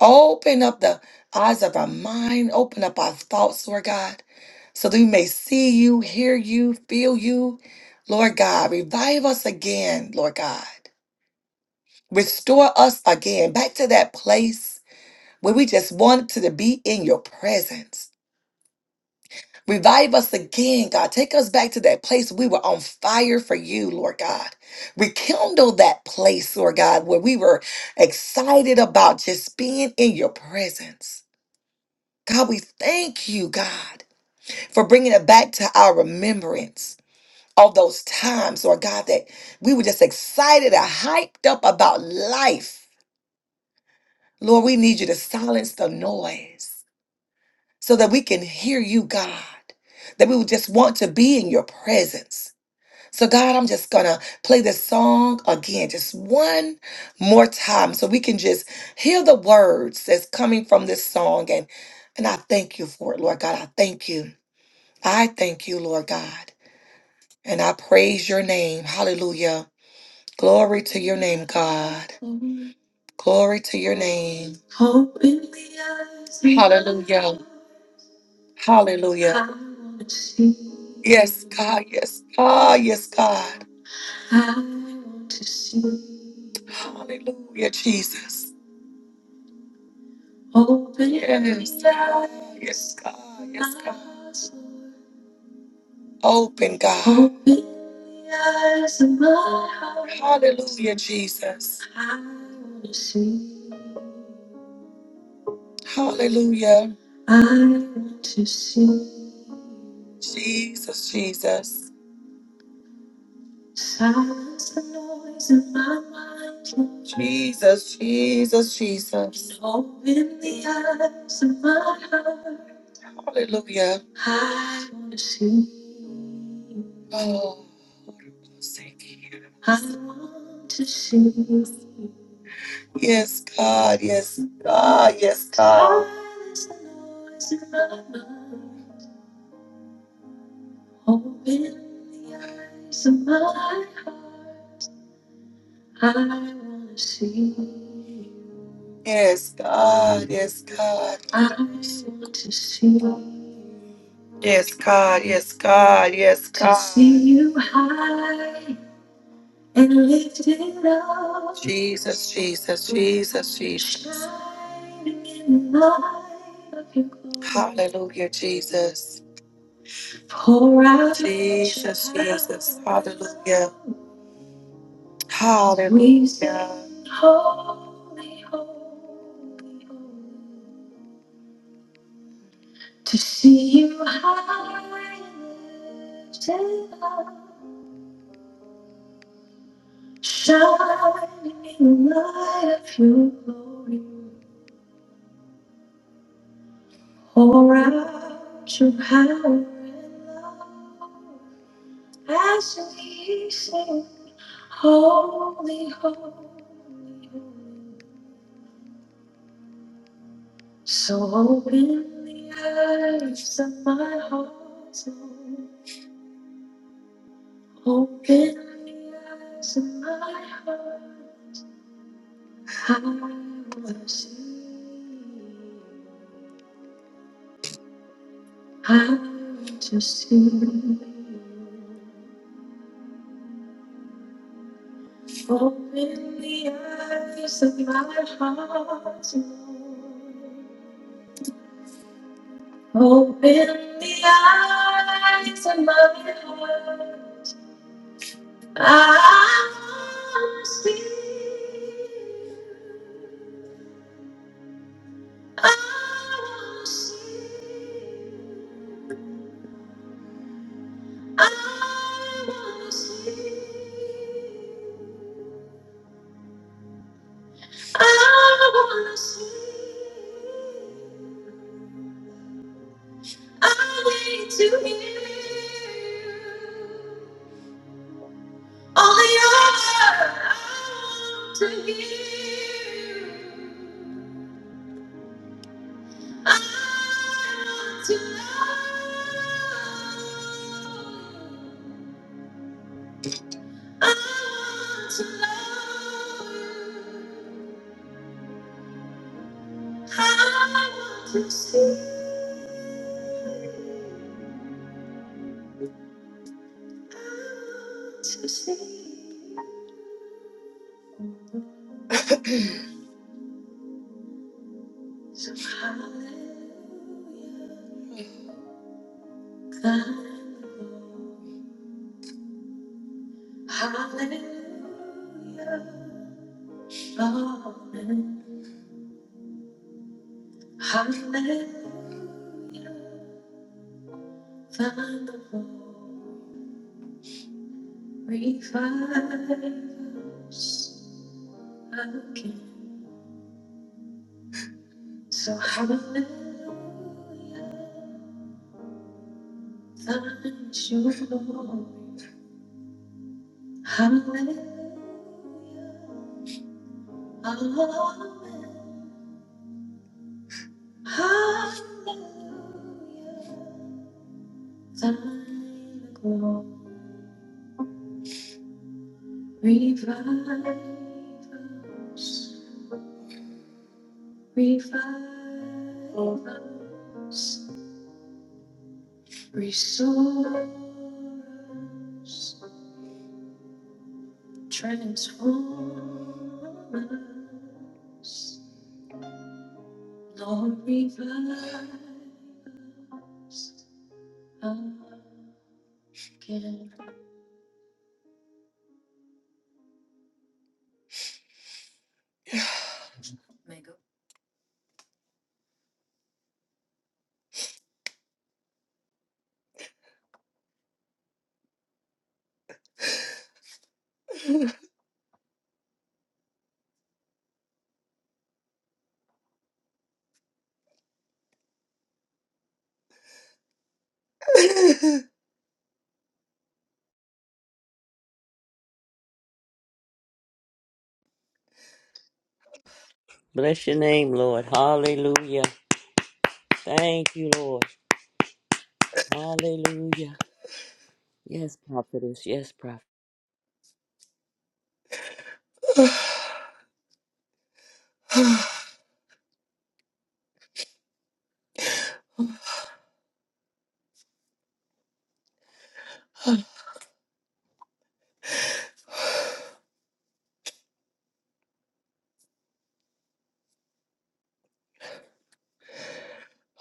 open up the eyes of our mind, open up our thoughts, Lord God, so that we may see you, hear you, feel you. Lord God, revive us again, Lord God. Restore us again back to that place where we just wanted to be in your presence. Revive us again, God. Take us back to that place we were on fire for you, Lord God. Rekindle that place, Lord God, where we were excited about just being in your presence. God, we thank you, God, for bringing it back to our remembrance of those times, Lord God, that we were just excited and hyped up about life. Lord, we need you to silence the noise so that we can hear you, God, that we would just want to be in your presence. So, God, I'm just going to play this song again, just one more time, so we can just hear the words that's coming from this song. And, and I thank you for it, Lord God. I thank you. I thank you, Lord God. And I praise your name. Hallelujah. Glory to your name, God. Glory to your name. Open the eyes. Hallelujah. Hallelujah. I wanna see. Yes, God. Yes, God. Yes, God. Hallelujah, Jesus. Open yourself. Yes, God. Yes, God. Open, God. Open the eyes of my heart. Hallelujah, Jesus. Hallelujah. Jesus, Jesus. Jesus, Jesus, Jesus. Hallelujah. Oh, thank you. Yes, God. Yes, God. Yes, God. Yes, God. Yes, God. Yes, God. Yes, God. Yes, God. To God. see you high and lifted up. Jesus, Jesus, Jesus, Jesus. Shining in the light of your glory. Hallelujah, Jesus. Pour out Jesus, your love. Jesus. Hallelujah. We Hallelujah.
Bless your name, Lord. Hallelujah. Thank you, Lord. Hallelujah. Yes, prophetess. Yes, prophet.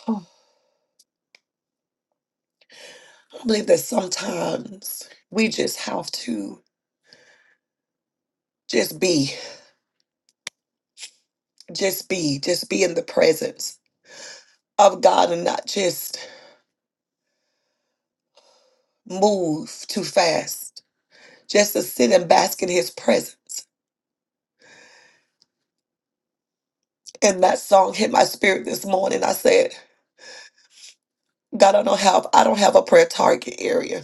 I believe that sometimes we just have to just be. just be, just be in the presence of God and not just move too fast, just to sit and bask in His presence. And that song hit my spirit this morning. I said, God, I don't have, I don't have a prayer target area.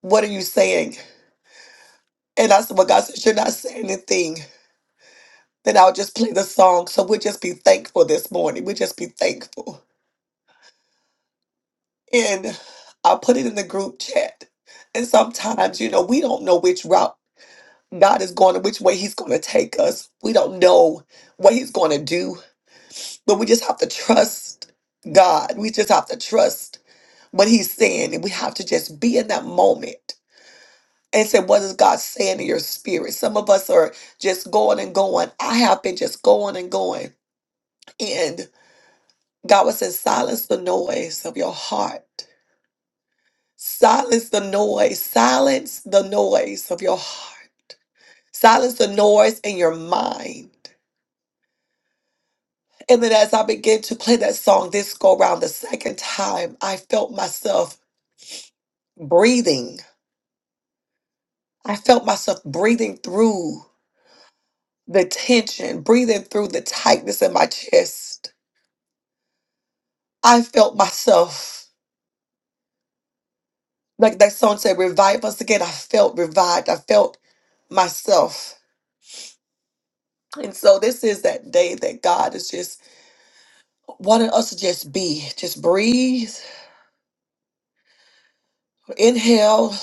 What are you saying? And I said, Well, God, said you're not saying anything, then I'll just play the song. So we'll just be thankful this morning. We'll just be thankful. And I put it in the group chat. And sometimes, you know, we don't know which route. God is going to which way He's going to take us. We don't know what He's going to do, but we just have to trust God. We just have to trust what He's saying, and we have to just be in that moment and say, What is God saying in your spirit? Some of us are just going and going. I have been just going and going. And God was saying, Silence the noise of your heart. Silence the noise. Silence the noise of your heart. Silence the noise in your mind And then as I began to play that song this go round the second time, I felt myself breathing. I felt myself breathing through the tension, breathing through the tightness in my chest. I felt myself, like that song said, revive us again. I felt revived. I felt myself. And so this is that day that God is just wanting us to just be, just breathe, inhale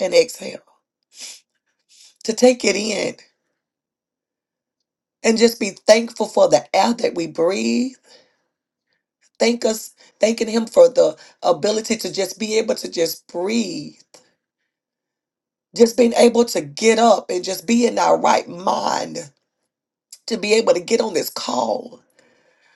and exhale, to take it in and just be thankful for the air that we breathe. Thank us, thanking Him for the ability to just be able to just breathe, just being able to get up and just be in our right mind to be able to get on this call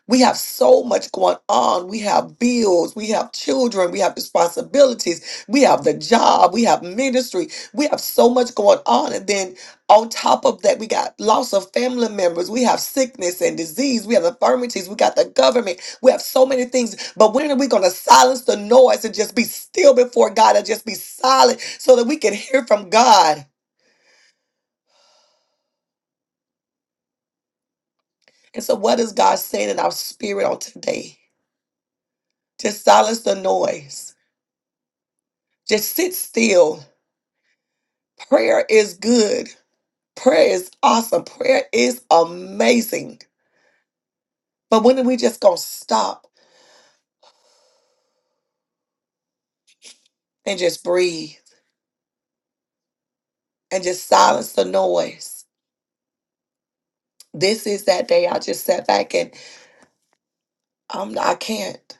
We have so much going on. We have bills. We have children. We have responsibilities. We have the job. We have ministry. We have so much going on. And then on top of that, we got loss of family members. We have sickness and disease. We have infirmities. We got the government. We have so many things. But when are we going to silence the noise and just be still before God and just be silent so that we can hear from God? And so, what is God saying in our spirit on today? Just silence the noise. Just sit still Prayer is good. Prayer is awesome. Prayer is amazing. But when are we just going to stop and just breathe and just silence the noise? This is that day I just sat back and I'm, I can't.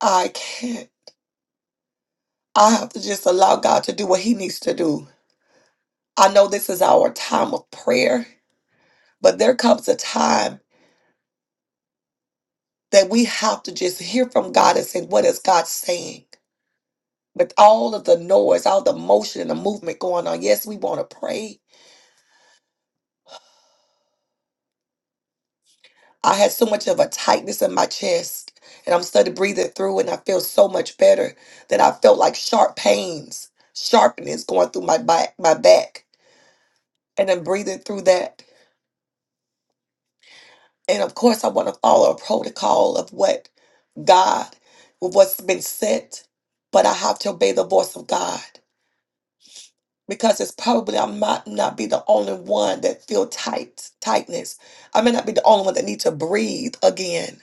I can't. I have to just allow God to do what He needs to do. I know this is our time of prayer, but there comes a time that we have to just hear from God and say, What is God saying? With all of the noise, all the motion and the movement going on, yes, we want to pray I had so much of a tightness in my chest, and I'm starting to breathe it through, and I feel so much better that I felt like sharp pains, sharpness going through my back, my back, and I'm breathing through that. And of course, I want to follow a protocol of what God, what's been sent, but I have to obey the voice of God because it's probably I might not be the only one that feel tight tightness. I may not be the only one that need to breathe again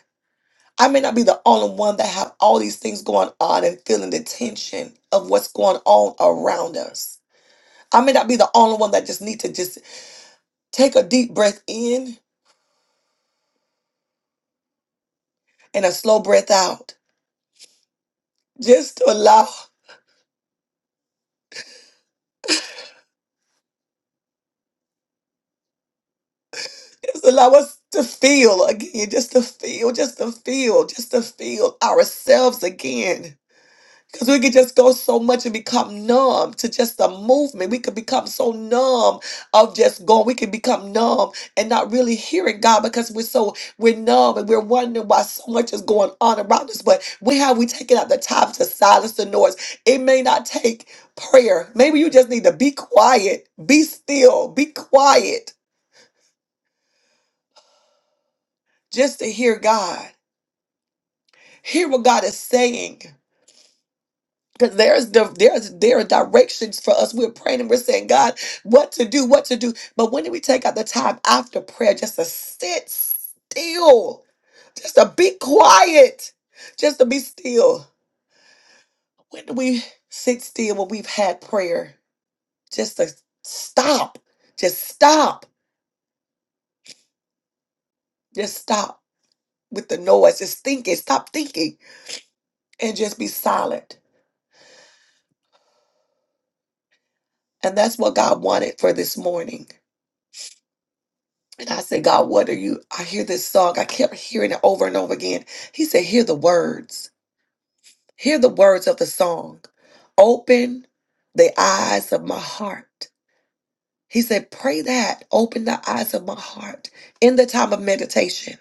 I may not be the only one that have all these things going on and feeling the tension of what's going on around us. I may not be the only one that just need to just take a deep breath in and a slow breath out. Just to allow just allow us to feel again, just to feel, just to feel, just to feel ourselves again. Because we could just go so much and become numb to just the movement. We could become so numb of just going. We could become numb and not really hearing God because we're so we're numb and we're wondering why so much is going on around us. But we have we taken out the time to silence the noise? It may not take prayer. Maybe you just need to be quiet, be still, be quiet, just to hear God. Hear what God is saying. because there's the there's there are directions for us. We're praying and we're saying, God, what to do, what to do. But when do we take out the time after prayer just to sit still, just to be quiet, just to be still? When do we sit still when we've had prayer? Just to stop, just stop, just stop with the noise, just thinking, stop thinking, and just be silent. And that's what God wanted for this morning. And I said, God, what are you? I hear this song. I kept hearing it over and over again. He said, Hear the words. Hear the words of the song. Open the eyes of my heart. He said, Pray that. Open the eyes of my heart in the time of meditation.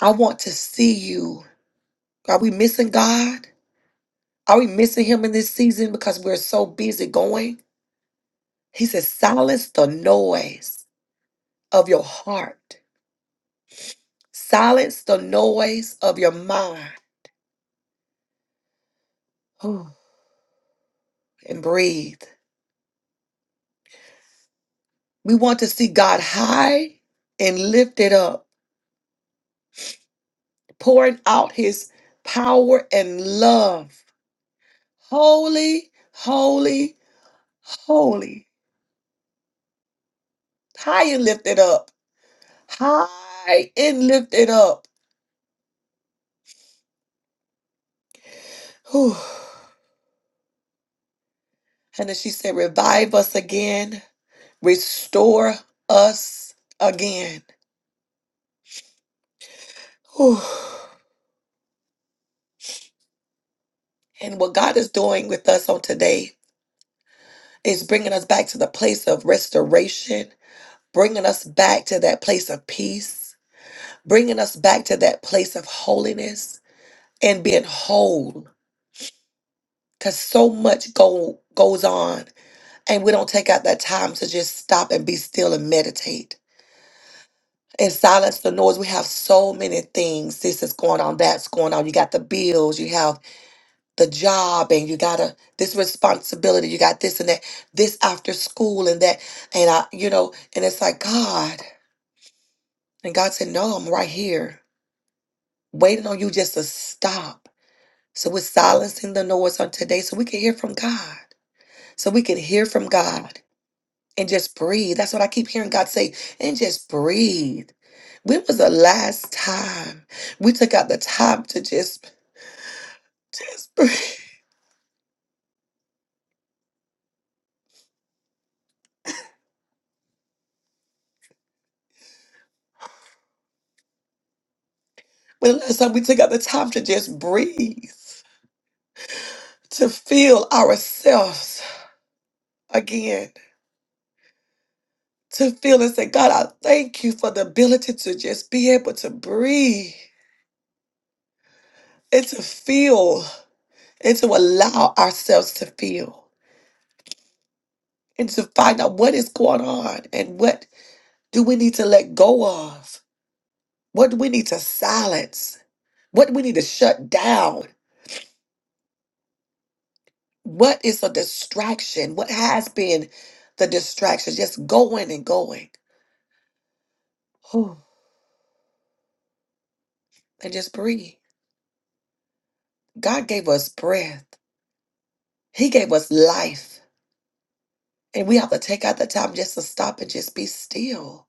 I want to see you. Are we missing God? Are we missing Him in this season because we're so busy going? He said, Silence the noise of your heart, silence the noise of your mind. and breathe. We want to see God high and lifted up, pouring out his power and love. Holy, holy, holy. High and lifted up. High and lifted up. Whew. And then she said, Revive us again, restore us again. Whew. And what God is doing with us on today is bringing us back to the place of restoration bringing us back to that place of peace, bringing us back to that place of holiness and being whole. Because so much go, goes on, and we don't take out that time to just stop and be still and meditate and silence the noise. We have so many things. This is going on, that's going on. You got the bills, you have the job, and you got a, this responsibility, you got this and that, this after school and that. And I, you know, and it's like, God. And God said, No, I'm right here. waiting on you just to stop. So we're silencing the noise on today so we can hear from God. So we can hear from God and just breathe. That's what I keep hearing God say, and just breathe. When was the last time we took out the time to just, just breathe? When the last time we took out the time to just breathe, to feel ourselves again, to feel and say, God, I thank you for the ability to just be able to breathe and to feel. and to allow ourselves to feel and to find out what is going on and what do we need to let go of? What do we need to silence? What do we need to shut down? What is a distraction? What has been the distraction? Just going and going. Whew. And just breathe. God gave us breath, He gave us life. And we have to take out the time just to stop and just be still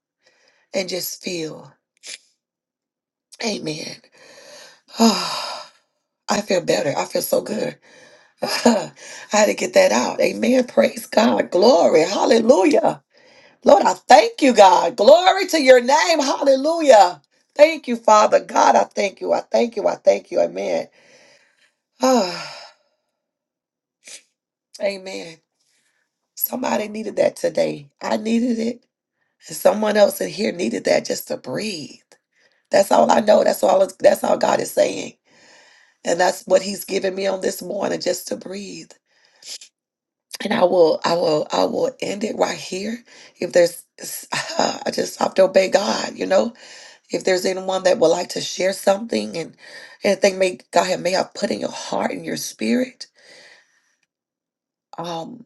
and just feel. Amen. I feel better. I feel so good. I had to get that out. Amen. Praise God. Glory. Hallelujah. Lord, I thank you, God. Glory to your name. Hallelujah. Thank you, Father God. I thank you. I thank you. I thank you. Amen. Ah, amen. Somebody needed that today. I needed it. And someone else in here needed that just to breathe. That's all I know. That's all that's all God is saying. And that's what He's giving me on this morning, just to breathe. and I will, I will, I will end it right here. If there's, s- I just have to obey God, you know. If there's anyone that would like to share something and anything may God have may have put in your heart and your spirit, um,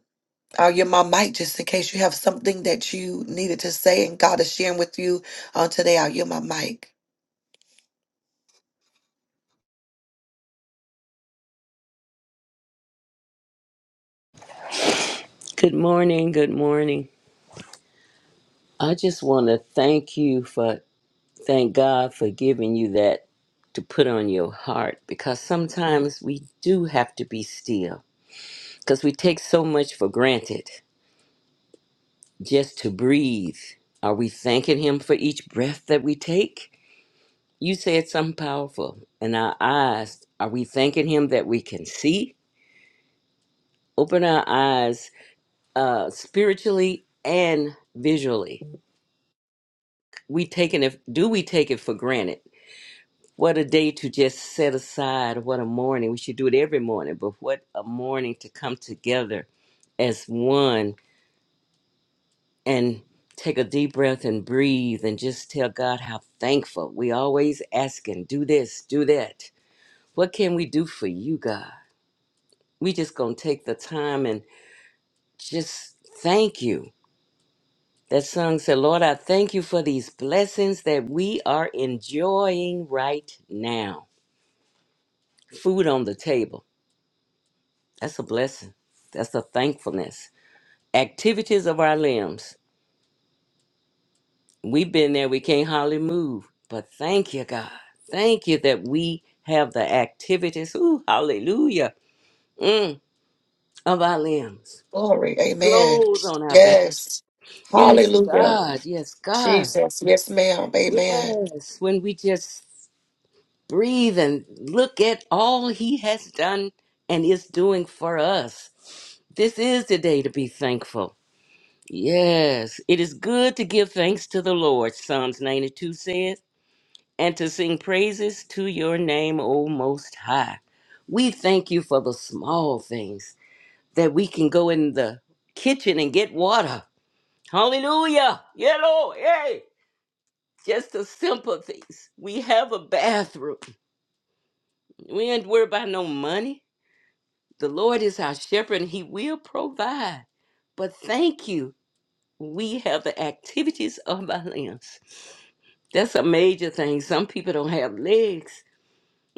I'll give my mic just in case you have something that you needed to say and God is sharing with you on today. I'll give my mic.
Good morning. Good morning. I just want to thank you for, thank God for giving you that to put on your heart because sometimes we do have to be still because we take so much for granted just to breathe. Are we thanking Him for each breath that we take? You said something powerful in our eyes. Are we thanking Him that we can see? open our eyes uh spiritually and visually we taking it do we take it for granted what a day to just set aside what a morning we should do it every morning but what a morning to come together as one and take a deep breath and breathe and just tell god how thankful we always asking do this do that what can we do for you god we just gonna take the time and just thank you That song said, Lord, I thank you for these blessings that we are enjoying right now. Food on the table. That's a blessing. That's a thankfulness. Activities of our limbs. We've been there, we can't hardly move. But thank you, God. Thank you that we have the activities. Ooh, hallelujah. Mm, of our limbs.
Glory, Amen.
Clothes on our back.
Yes,
Yes,
Hallelujah,
God. Yes, God.
Jesus. Yes, ma'am. Amen.
Yes. When we just breathe and look at all he has done and is doing for us. This is the day to be thankful. Yes, it is good to give thanks to the Lord, Psalms 92 says, and to sing praises to your name, O Most High. We thank you for the small things that we can go in the kitchen and get water. Hallelujah. Yeah, Lord. Hey. Just the simple things. We have a bathroom. We ain't worried about no money. The Lord is our shepherd and he will provide. But thank you. We have the activities of our limbs. That's a major thing. Some people don't have legs.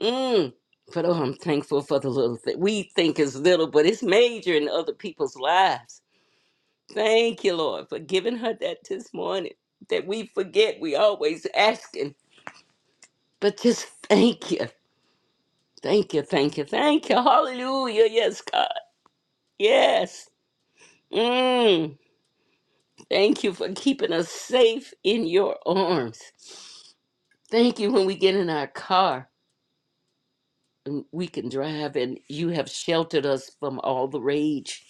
Mm. But oh, I'm thankful for the little thing. We think it's little, but it's major in other people's lives. Thank you, Lord, for giving her that this morning. That we forget we always asking. But just thank you. Thank you, thank you, thank you. Hallelujah. Yes, God. Yes. Mm. Thank you for keeping us safe in your arms. Thank you when we get in our car and we can drive and you have sheltered us from all the rage.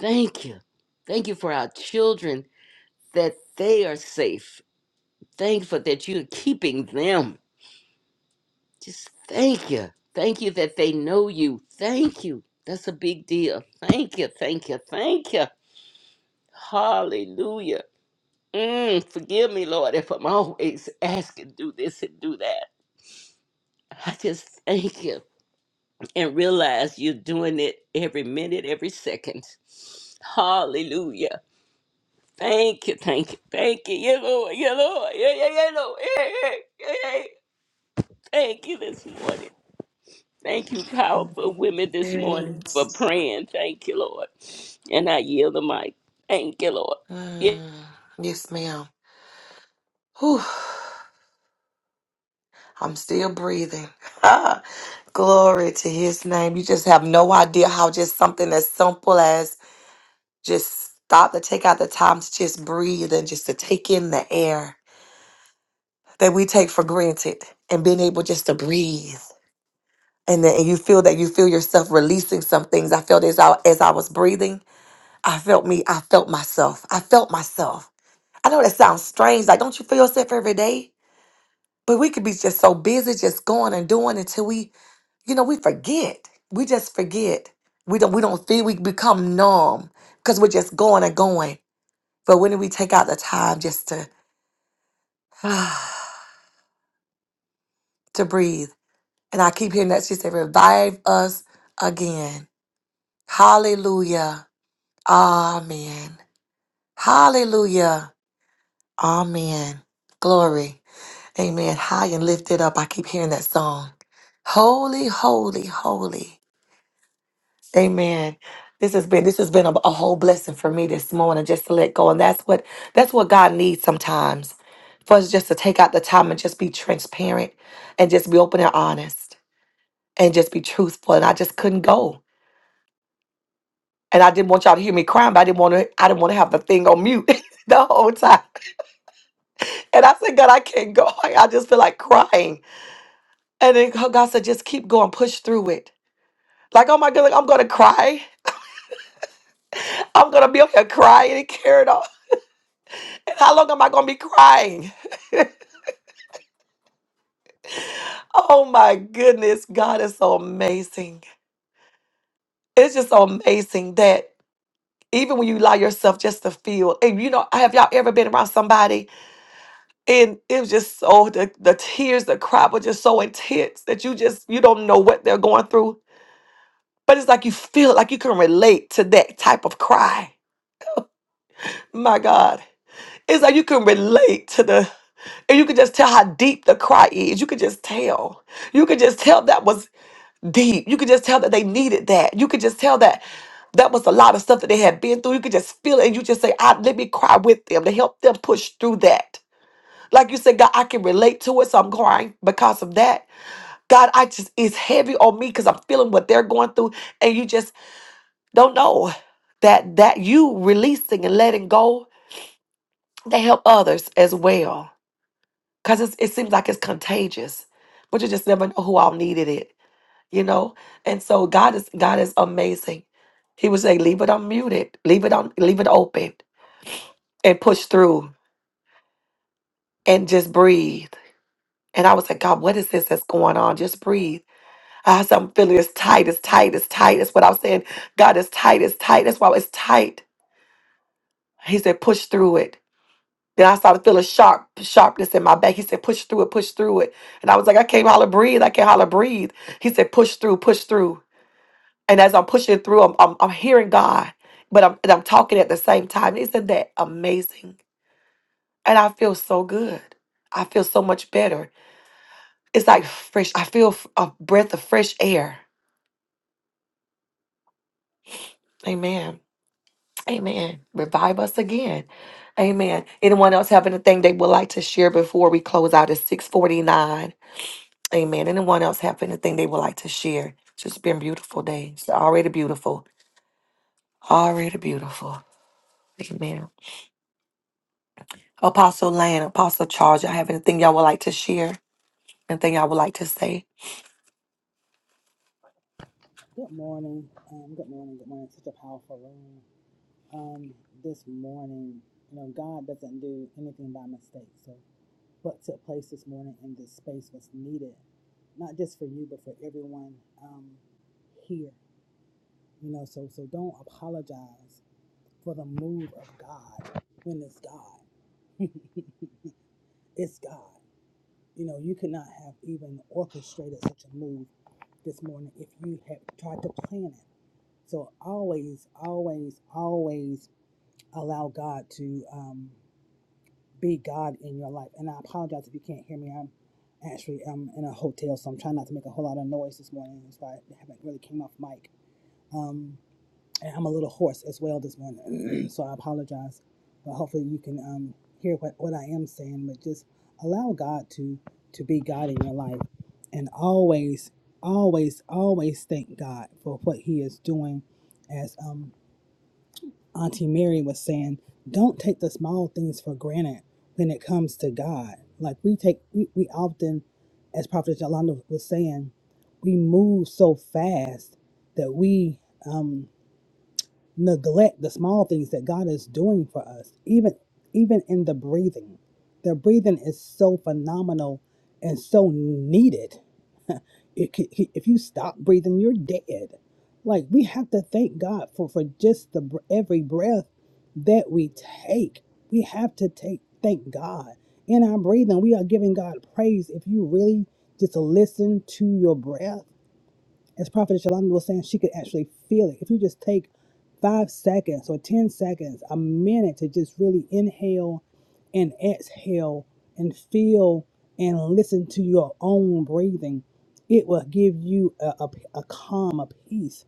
Thank you. Thank you for our children that they are safe. Thankful that you're keeping them. Just thank you. Thank you that they know you. Thank you. That's a big deal. Thank you. Thank you. Thank you. Hallelujah. Mm, forgive me, Lord, if I'm always asking, do this and do that. I just thank you and realize you're doing it every minute, every second. Hallelujah. Thank you, thank you, thank you. Yeah, Lord, yeah, Lord, yeah, yeah, yeah, Lord. Yeah, yeah, yeah. yeah. Thank you this morning. Thank you, powerful women, this morning for
Yes.
praying. Thank you, Lord. And I yield the mic. Thank you, Lord. Yeah.
Mm, yes, ma'am. Whew, I'm still breathing. Glory to his name. You just have no idea how just something as simple as just stop to take out the time to just breathe and just to take in the air that we take for granted and being able just to breathe. And then and you feel that you feel yourself releasing some things. I felt as I, as I was breathing, I felt me, I felt myself. I felt myself. I know that sounds strange. Like, don't you feel yourself every day? But we could be just so busy just going and doing until we you know, we forget. We just forget. We don't we don't feel we become numb because we're just going and going. But when do we take out the time just to to breathe? And I keep hearing that she said, revive us again. Hallelujah. Amen. Hallelujah. Amen. Glory. Amen. High and lifted up. I keep hearing that song. Holy, holy, holy. Amen. This has been this has been a, a whole blessing for me this morning just to let go, and that's what that's what God needs sometimes for us just to take out the time and just be transparent and just be open and honest and just be truthful. And I just couldn't go, and I didn't want y'all to hear me crying, but I didn't want to I didn't want to have the thing on mute the whole time. And I said, God, I can't go. I just feel like crying. And then God said, just keep going, push through it. Like, oh my God, I'm gonna cry. I'm gonna be up here crying and carrying on. How long am I going to be crying? Oh my goodness, God is so amazing. It's just so amazing that even when you allow yourself just to feel, and you know, have y'all ever been around somebody and it was just so, the, the tears, the cry was just so intense that you just, you don't know what they're going through. But it's like you feel like you can relate to that type of cry. My God. It's like you can relate to the, and you can just tell how deep the cry is. You can just tell. You can just tell that was deep. You could just tell that they needed that. You could just tell that that was a lot of stuff that they had been through. You could just feel it and you just say, I let me cry with them to help them push through that. Like you said, God, I can relate to it, so I'm crying because of that. God, I just it's heavy on me because I'm feeling what they're going through, and you just don't know that that you releasing and letting go they help others as well. Cause it's, it seems like it's contagious, but you just never know who all needed it. you know and so god is god is amazing he would say leave it unmuted leave it on leave it open and push through and just breathe and i was like god what is this that's going on just breathe i said i'm feeling it's tight it's tight it's tight that's what i was saying god is tight it's tight that's why it's tight he said push through it then I started feeling sharp sharpness in my back. He said, push through it, push through it. And I was like, I can't holler breathe. I can't holler breathe. He said, push through, push through. and as I'm pushing through, I'm, I'm, I'm hearing God, but I'm, and I'm talking at the same time. Isn't that amazing? And I feel so good. I feel so much better. It's like fresh. I feel f- a breath of fresh air. Amen. Amen. Revive us again. Amen. Anyone else have anything they would like to share before we close out at 649? Amen. Anyone else have anything they would like to share? It's just been a beautiful day. It's already beautiful. Already beautiful. Amen. Apostle Lane, Apostle Charge. I have anything y'all would like to share? Anything y'all would like to say?
Good morning. Um, good morning. Good morning. Such a powerful room. Um, this morning, you know, God doesn't do anything by mistake. So, what took place this morning in this space was needed, not just for you, but for everyone um, here. You know, so so don't apologize for the move of God when it's God. it's God. You know, you could not have even orchestrated such a move this morning if you had tried to plan it So always, always, always allow God to um, be God in your life. And I apologize if you can't hear me. I'm actually um in a hotel, so I'm trying not to make a whole lot of noise this morning. That's why I haven't really came off mic. Um, and I'm a little hoarse as well this morning, so I apologize. But hopefully you can um hear what what I am saying. But just allow God to to be God in your life, and always, always, always thank God for what He is doing as um Auntie Mary was saying, don't take the small things for granted when it comes to God. Like we take, we, we often, as Prophet Yolanda was saying, we move so fast that we um, neglect the small things that God is doing for us, even even in the breathing. The breathing is so phenomenal and so needed it can- he- if you stop breathing, you're dead. Like we have to thank God for for just the br- every breath that we take. We have to take thank God in our breathing. We are giving God praise. If you really just listen to your breath as Prophet Shalanda was saying, she could actually feel it. If you just take five seconds or 10 seconds, a minute to just really inhale and exhale and feel and listen to your own breathing, it will give you a, a, a calm, a peace.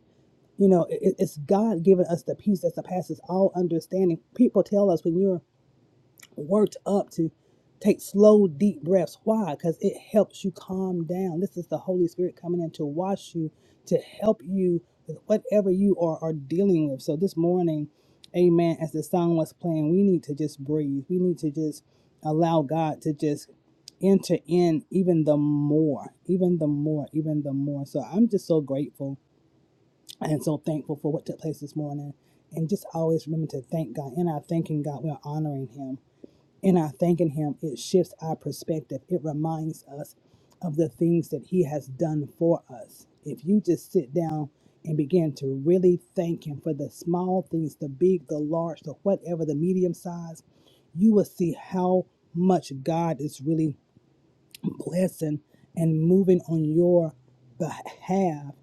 You know, it, it's God giving us the peace that surpasses all understanding. People tell us when you're worked up to take slow, deep breaths. Why? Because it helps you calm down. This is the Holy Spirit coming in to wash you, to help you with whatever you are, are dealing with. So this morning, amen, as the song was playing, we need to just breathe. We need to just allow God to just enter in even the more, even the more, even the more. So I'm just so grateful and so thankful for what took place this morning. And just always remember to thank God. In our thanking God, we're honoring Him in our thanking Him, it shifts our perspective. It reminds us of the things that He has done for us. If you just sit down and begin to really thank Him for the small things, the big, the large, the whatever, the medium size, you will see how much God is really blessing and moving on your behalf.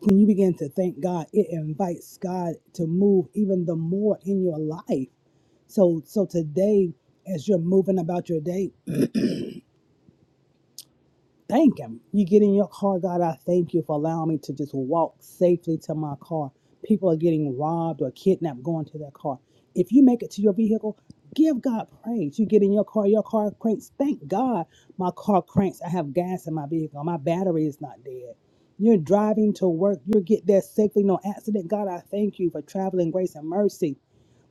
When you begin to thank God, it invites God to move even the more in your life. So so today, as you're moving about your day, thank him. You get in your car, God, I thank you for allowing me to just walk safely to my car. People are getting robbed or kidnapped going to their car. If you make it to your vehicle, give God praise. You get in your car, your car cranks. Thank God my car cranks. I have gas in my vehicle. My battery is not dead. You're driving to work. You get there safely, no accident. God, I thank you for traveling grace and mercy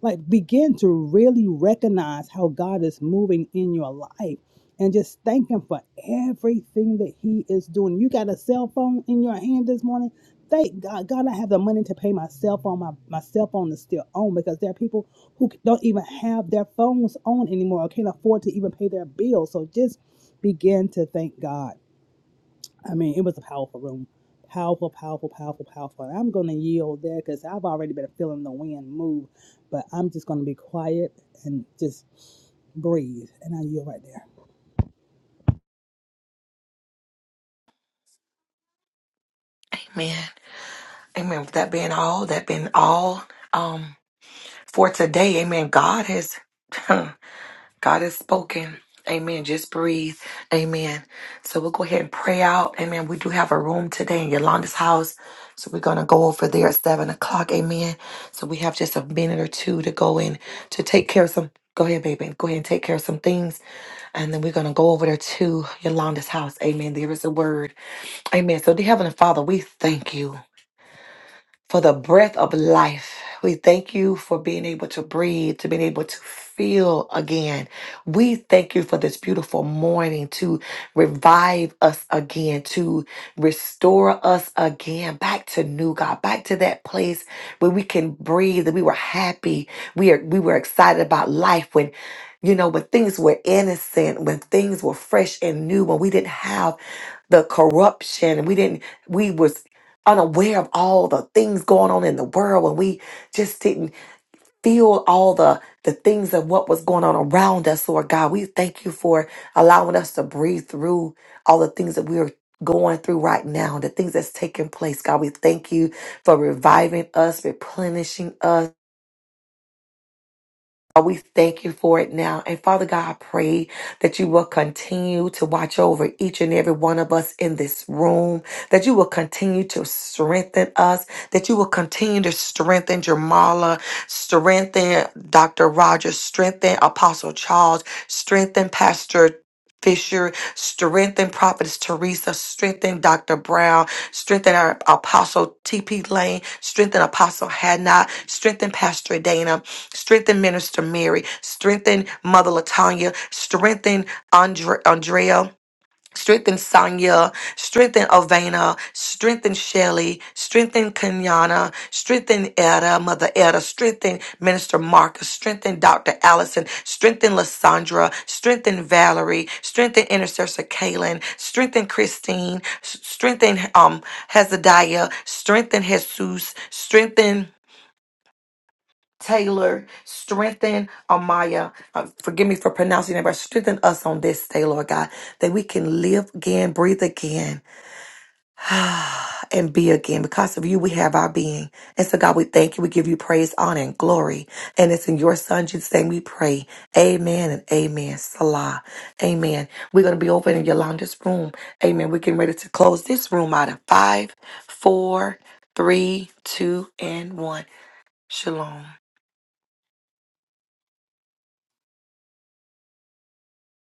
like, begin to really recognize how God is moving in your life and just thank Him for everything that He is doing. You got a cell phone in your hand this morning. Thank God, God, I have the money to pay my cell phone. My, my cell phone is still on because there are people who don't even have their phones on anymore or can't afford to even pay their bills. So just begin to thank God I mean, it was a powerful room. Powerful, powerful, powerful, powerful. And I'm going to yield there because I've already been feeling the wind move, but I'm just going to be quiet and just breathe. And I yield right there.
Amen. Amen. With that being all, that being all um, for today, amen. God has, God has spoken. Amen. Just breathe. Amen. So we'll go ahead and pray out. Amen. We do have a room today in Yolanda's house. So we're going to go over there at 7 o'clock. Amen. So we have just a minute or two to go in to take care of some. Go ahead, baby. Go ahead and take care of some things And then we're going to go over there to Yolanda's house. Amen. There is a word. Amen. So, dear Heavenly Father, we thank you for the breath of life. We thank you for being able to breathe, to being able to feel again. We thank you for this beautiful morning to revive us again, to restore us again back to new God, back to that place where we can breathe and we were happy. We are we were excited about life when you know when things were innocent, when things were fresh and new, when we didn't have the corruption, and we didn't we was unaware of all the things going on in the world when we just didn't feel all the the things of what was going on around us lord god we thank you for allowing us to breathe through all the things that we are going through right now the things that's taking place god we thank you for reviving us replenishing us God, We thank you for it now. And Father God, I pray that you will continue to watch over each and every one of us in this room, that you will continue to strengthen us, that you will continue to strengthen Jamala, strengthen Dr. Rogers, strengthen Apostle Charles, strengthen Pastor. Fisher, strengthen Prophetess Teresa, strengthen Dr. Brown, strengthen our Apostle TP Lane, strengthen Apostle Hadnot, strengthen Pastor Dana, Strengthen Minister Mary. Strengthen Mother Latanya. Strengthen Andre- Andrea. Strengthen Sonia. Strengthen Ovana. Strengthen Shelly. Strengthen Kenyana. Strengthen Etta, Mother Etta. Strengthen Minister Marcus. Strengthen Dr. Allison. Strengthen Lysandra. Strengthen Valerie. Strengthen Intercessor Kaylin. Strengthen Christine. S- Strengthen um, Hezekiah. Strengthen Jesus. Strengthen Taylor, strengthen Amaya. Uh, forgive me for pronouncing that, but strengthen us on this day, Lord God, that we can live again, breathe again, and be again. Because of you, we have our being. And so, God, we thank you. We give you praise, honor, and glory. And it's in your Son, Jesus' name, we pray. Amen and amen. Salah. Amen. We're going to be over in Yolanda's room. Amen. We're getting ready to close this room out of five, four, three, two, and one. Shalom.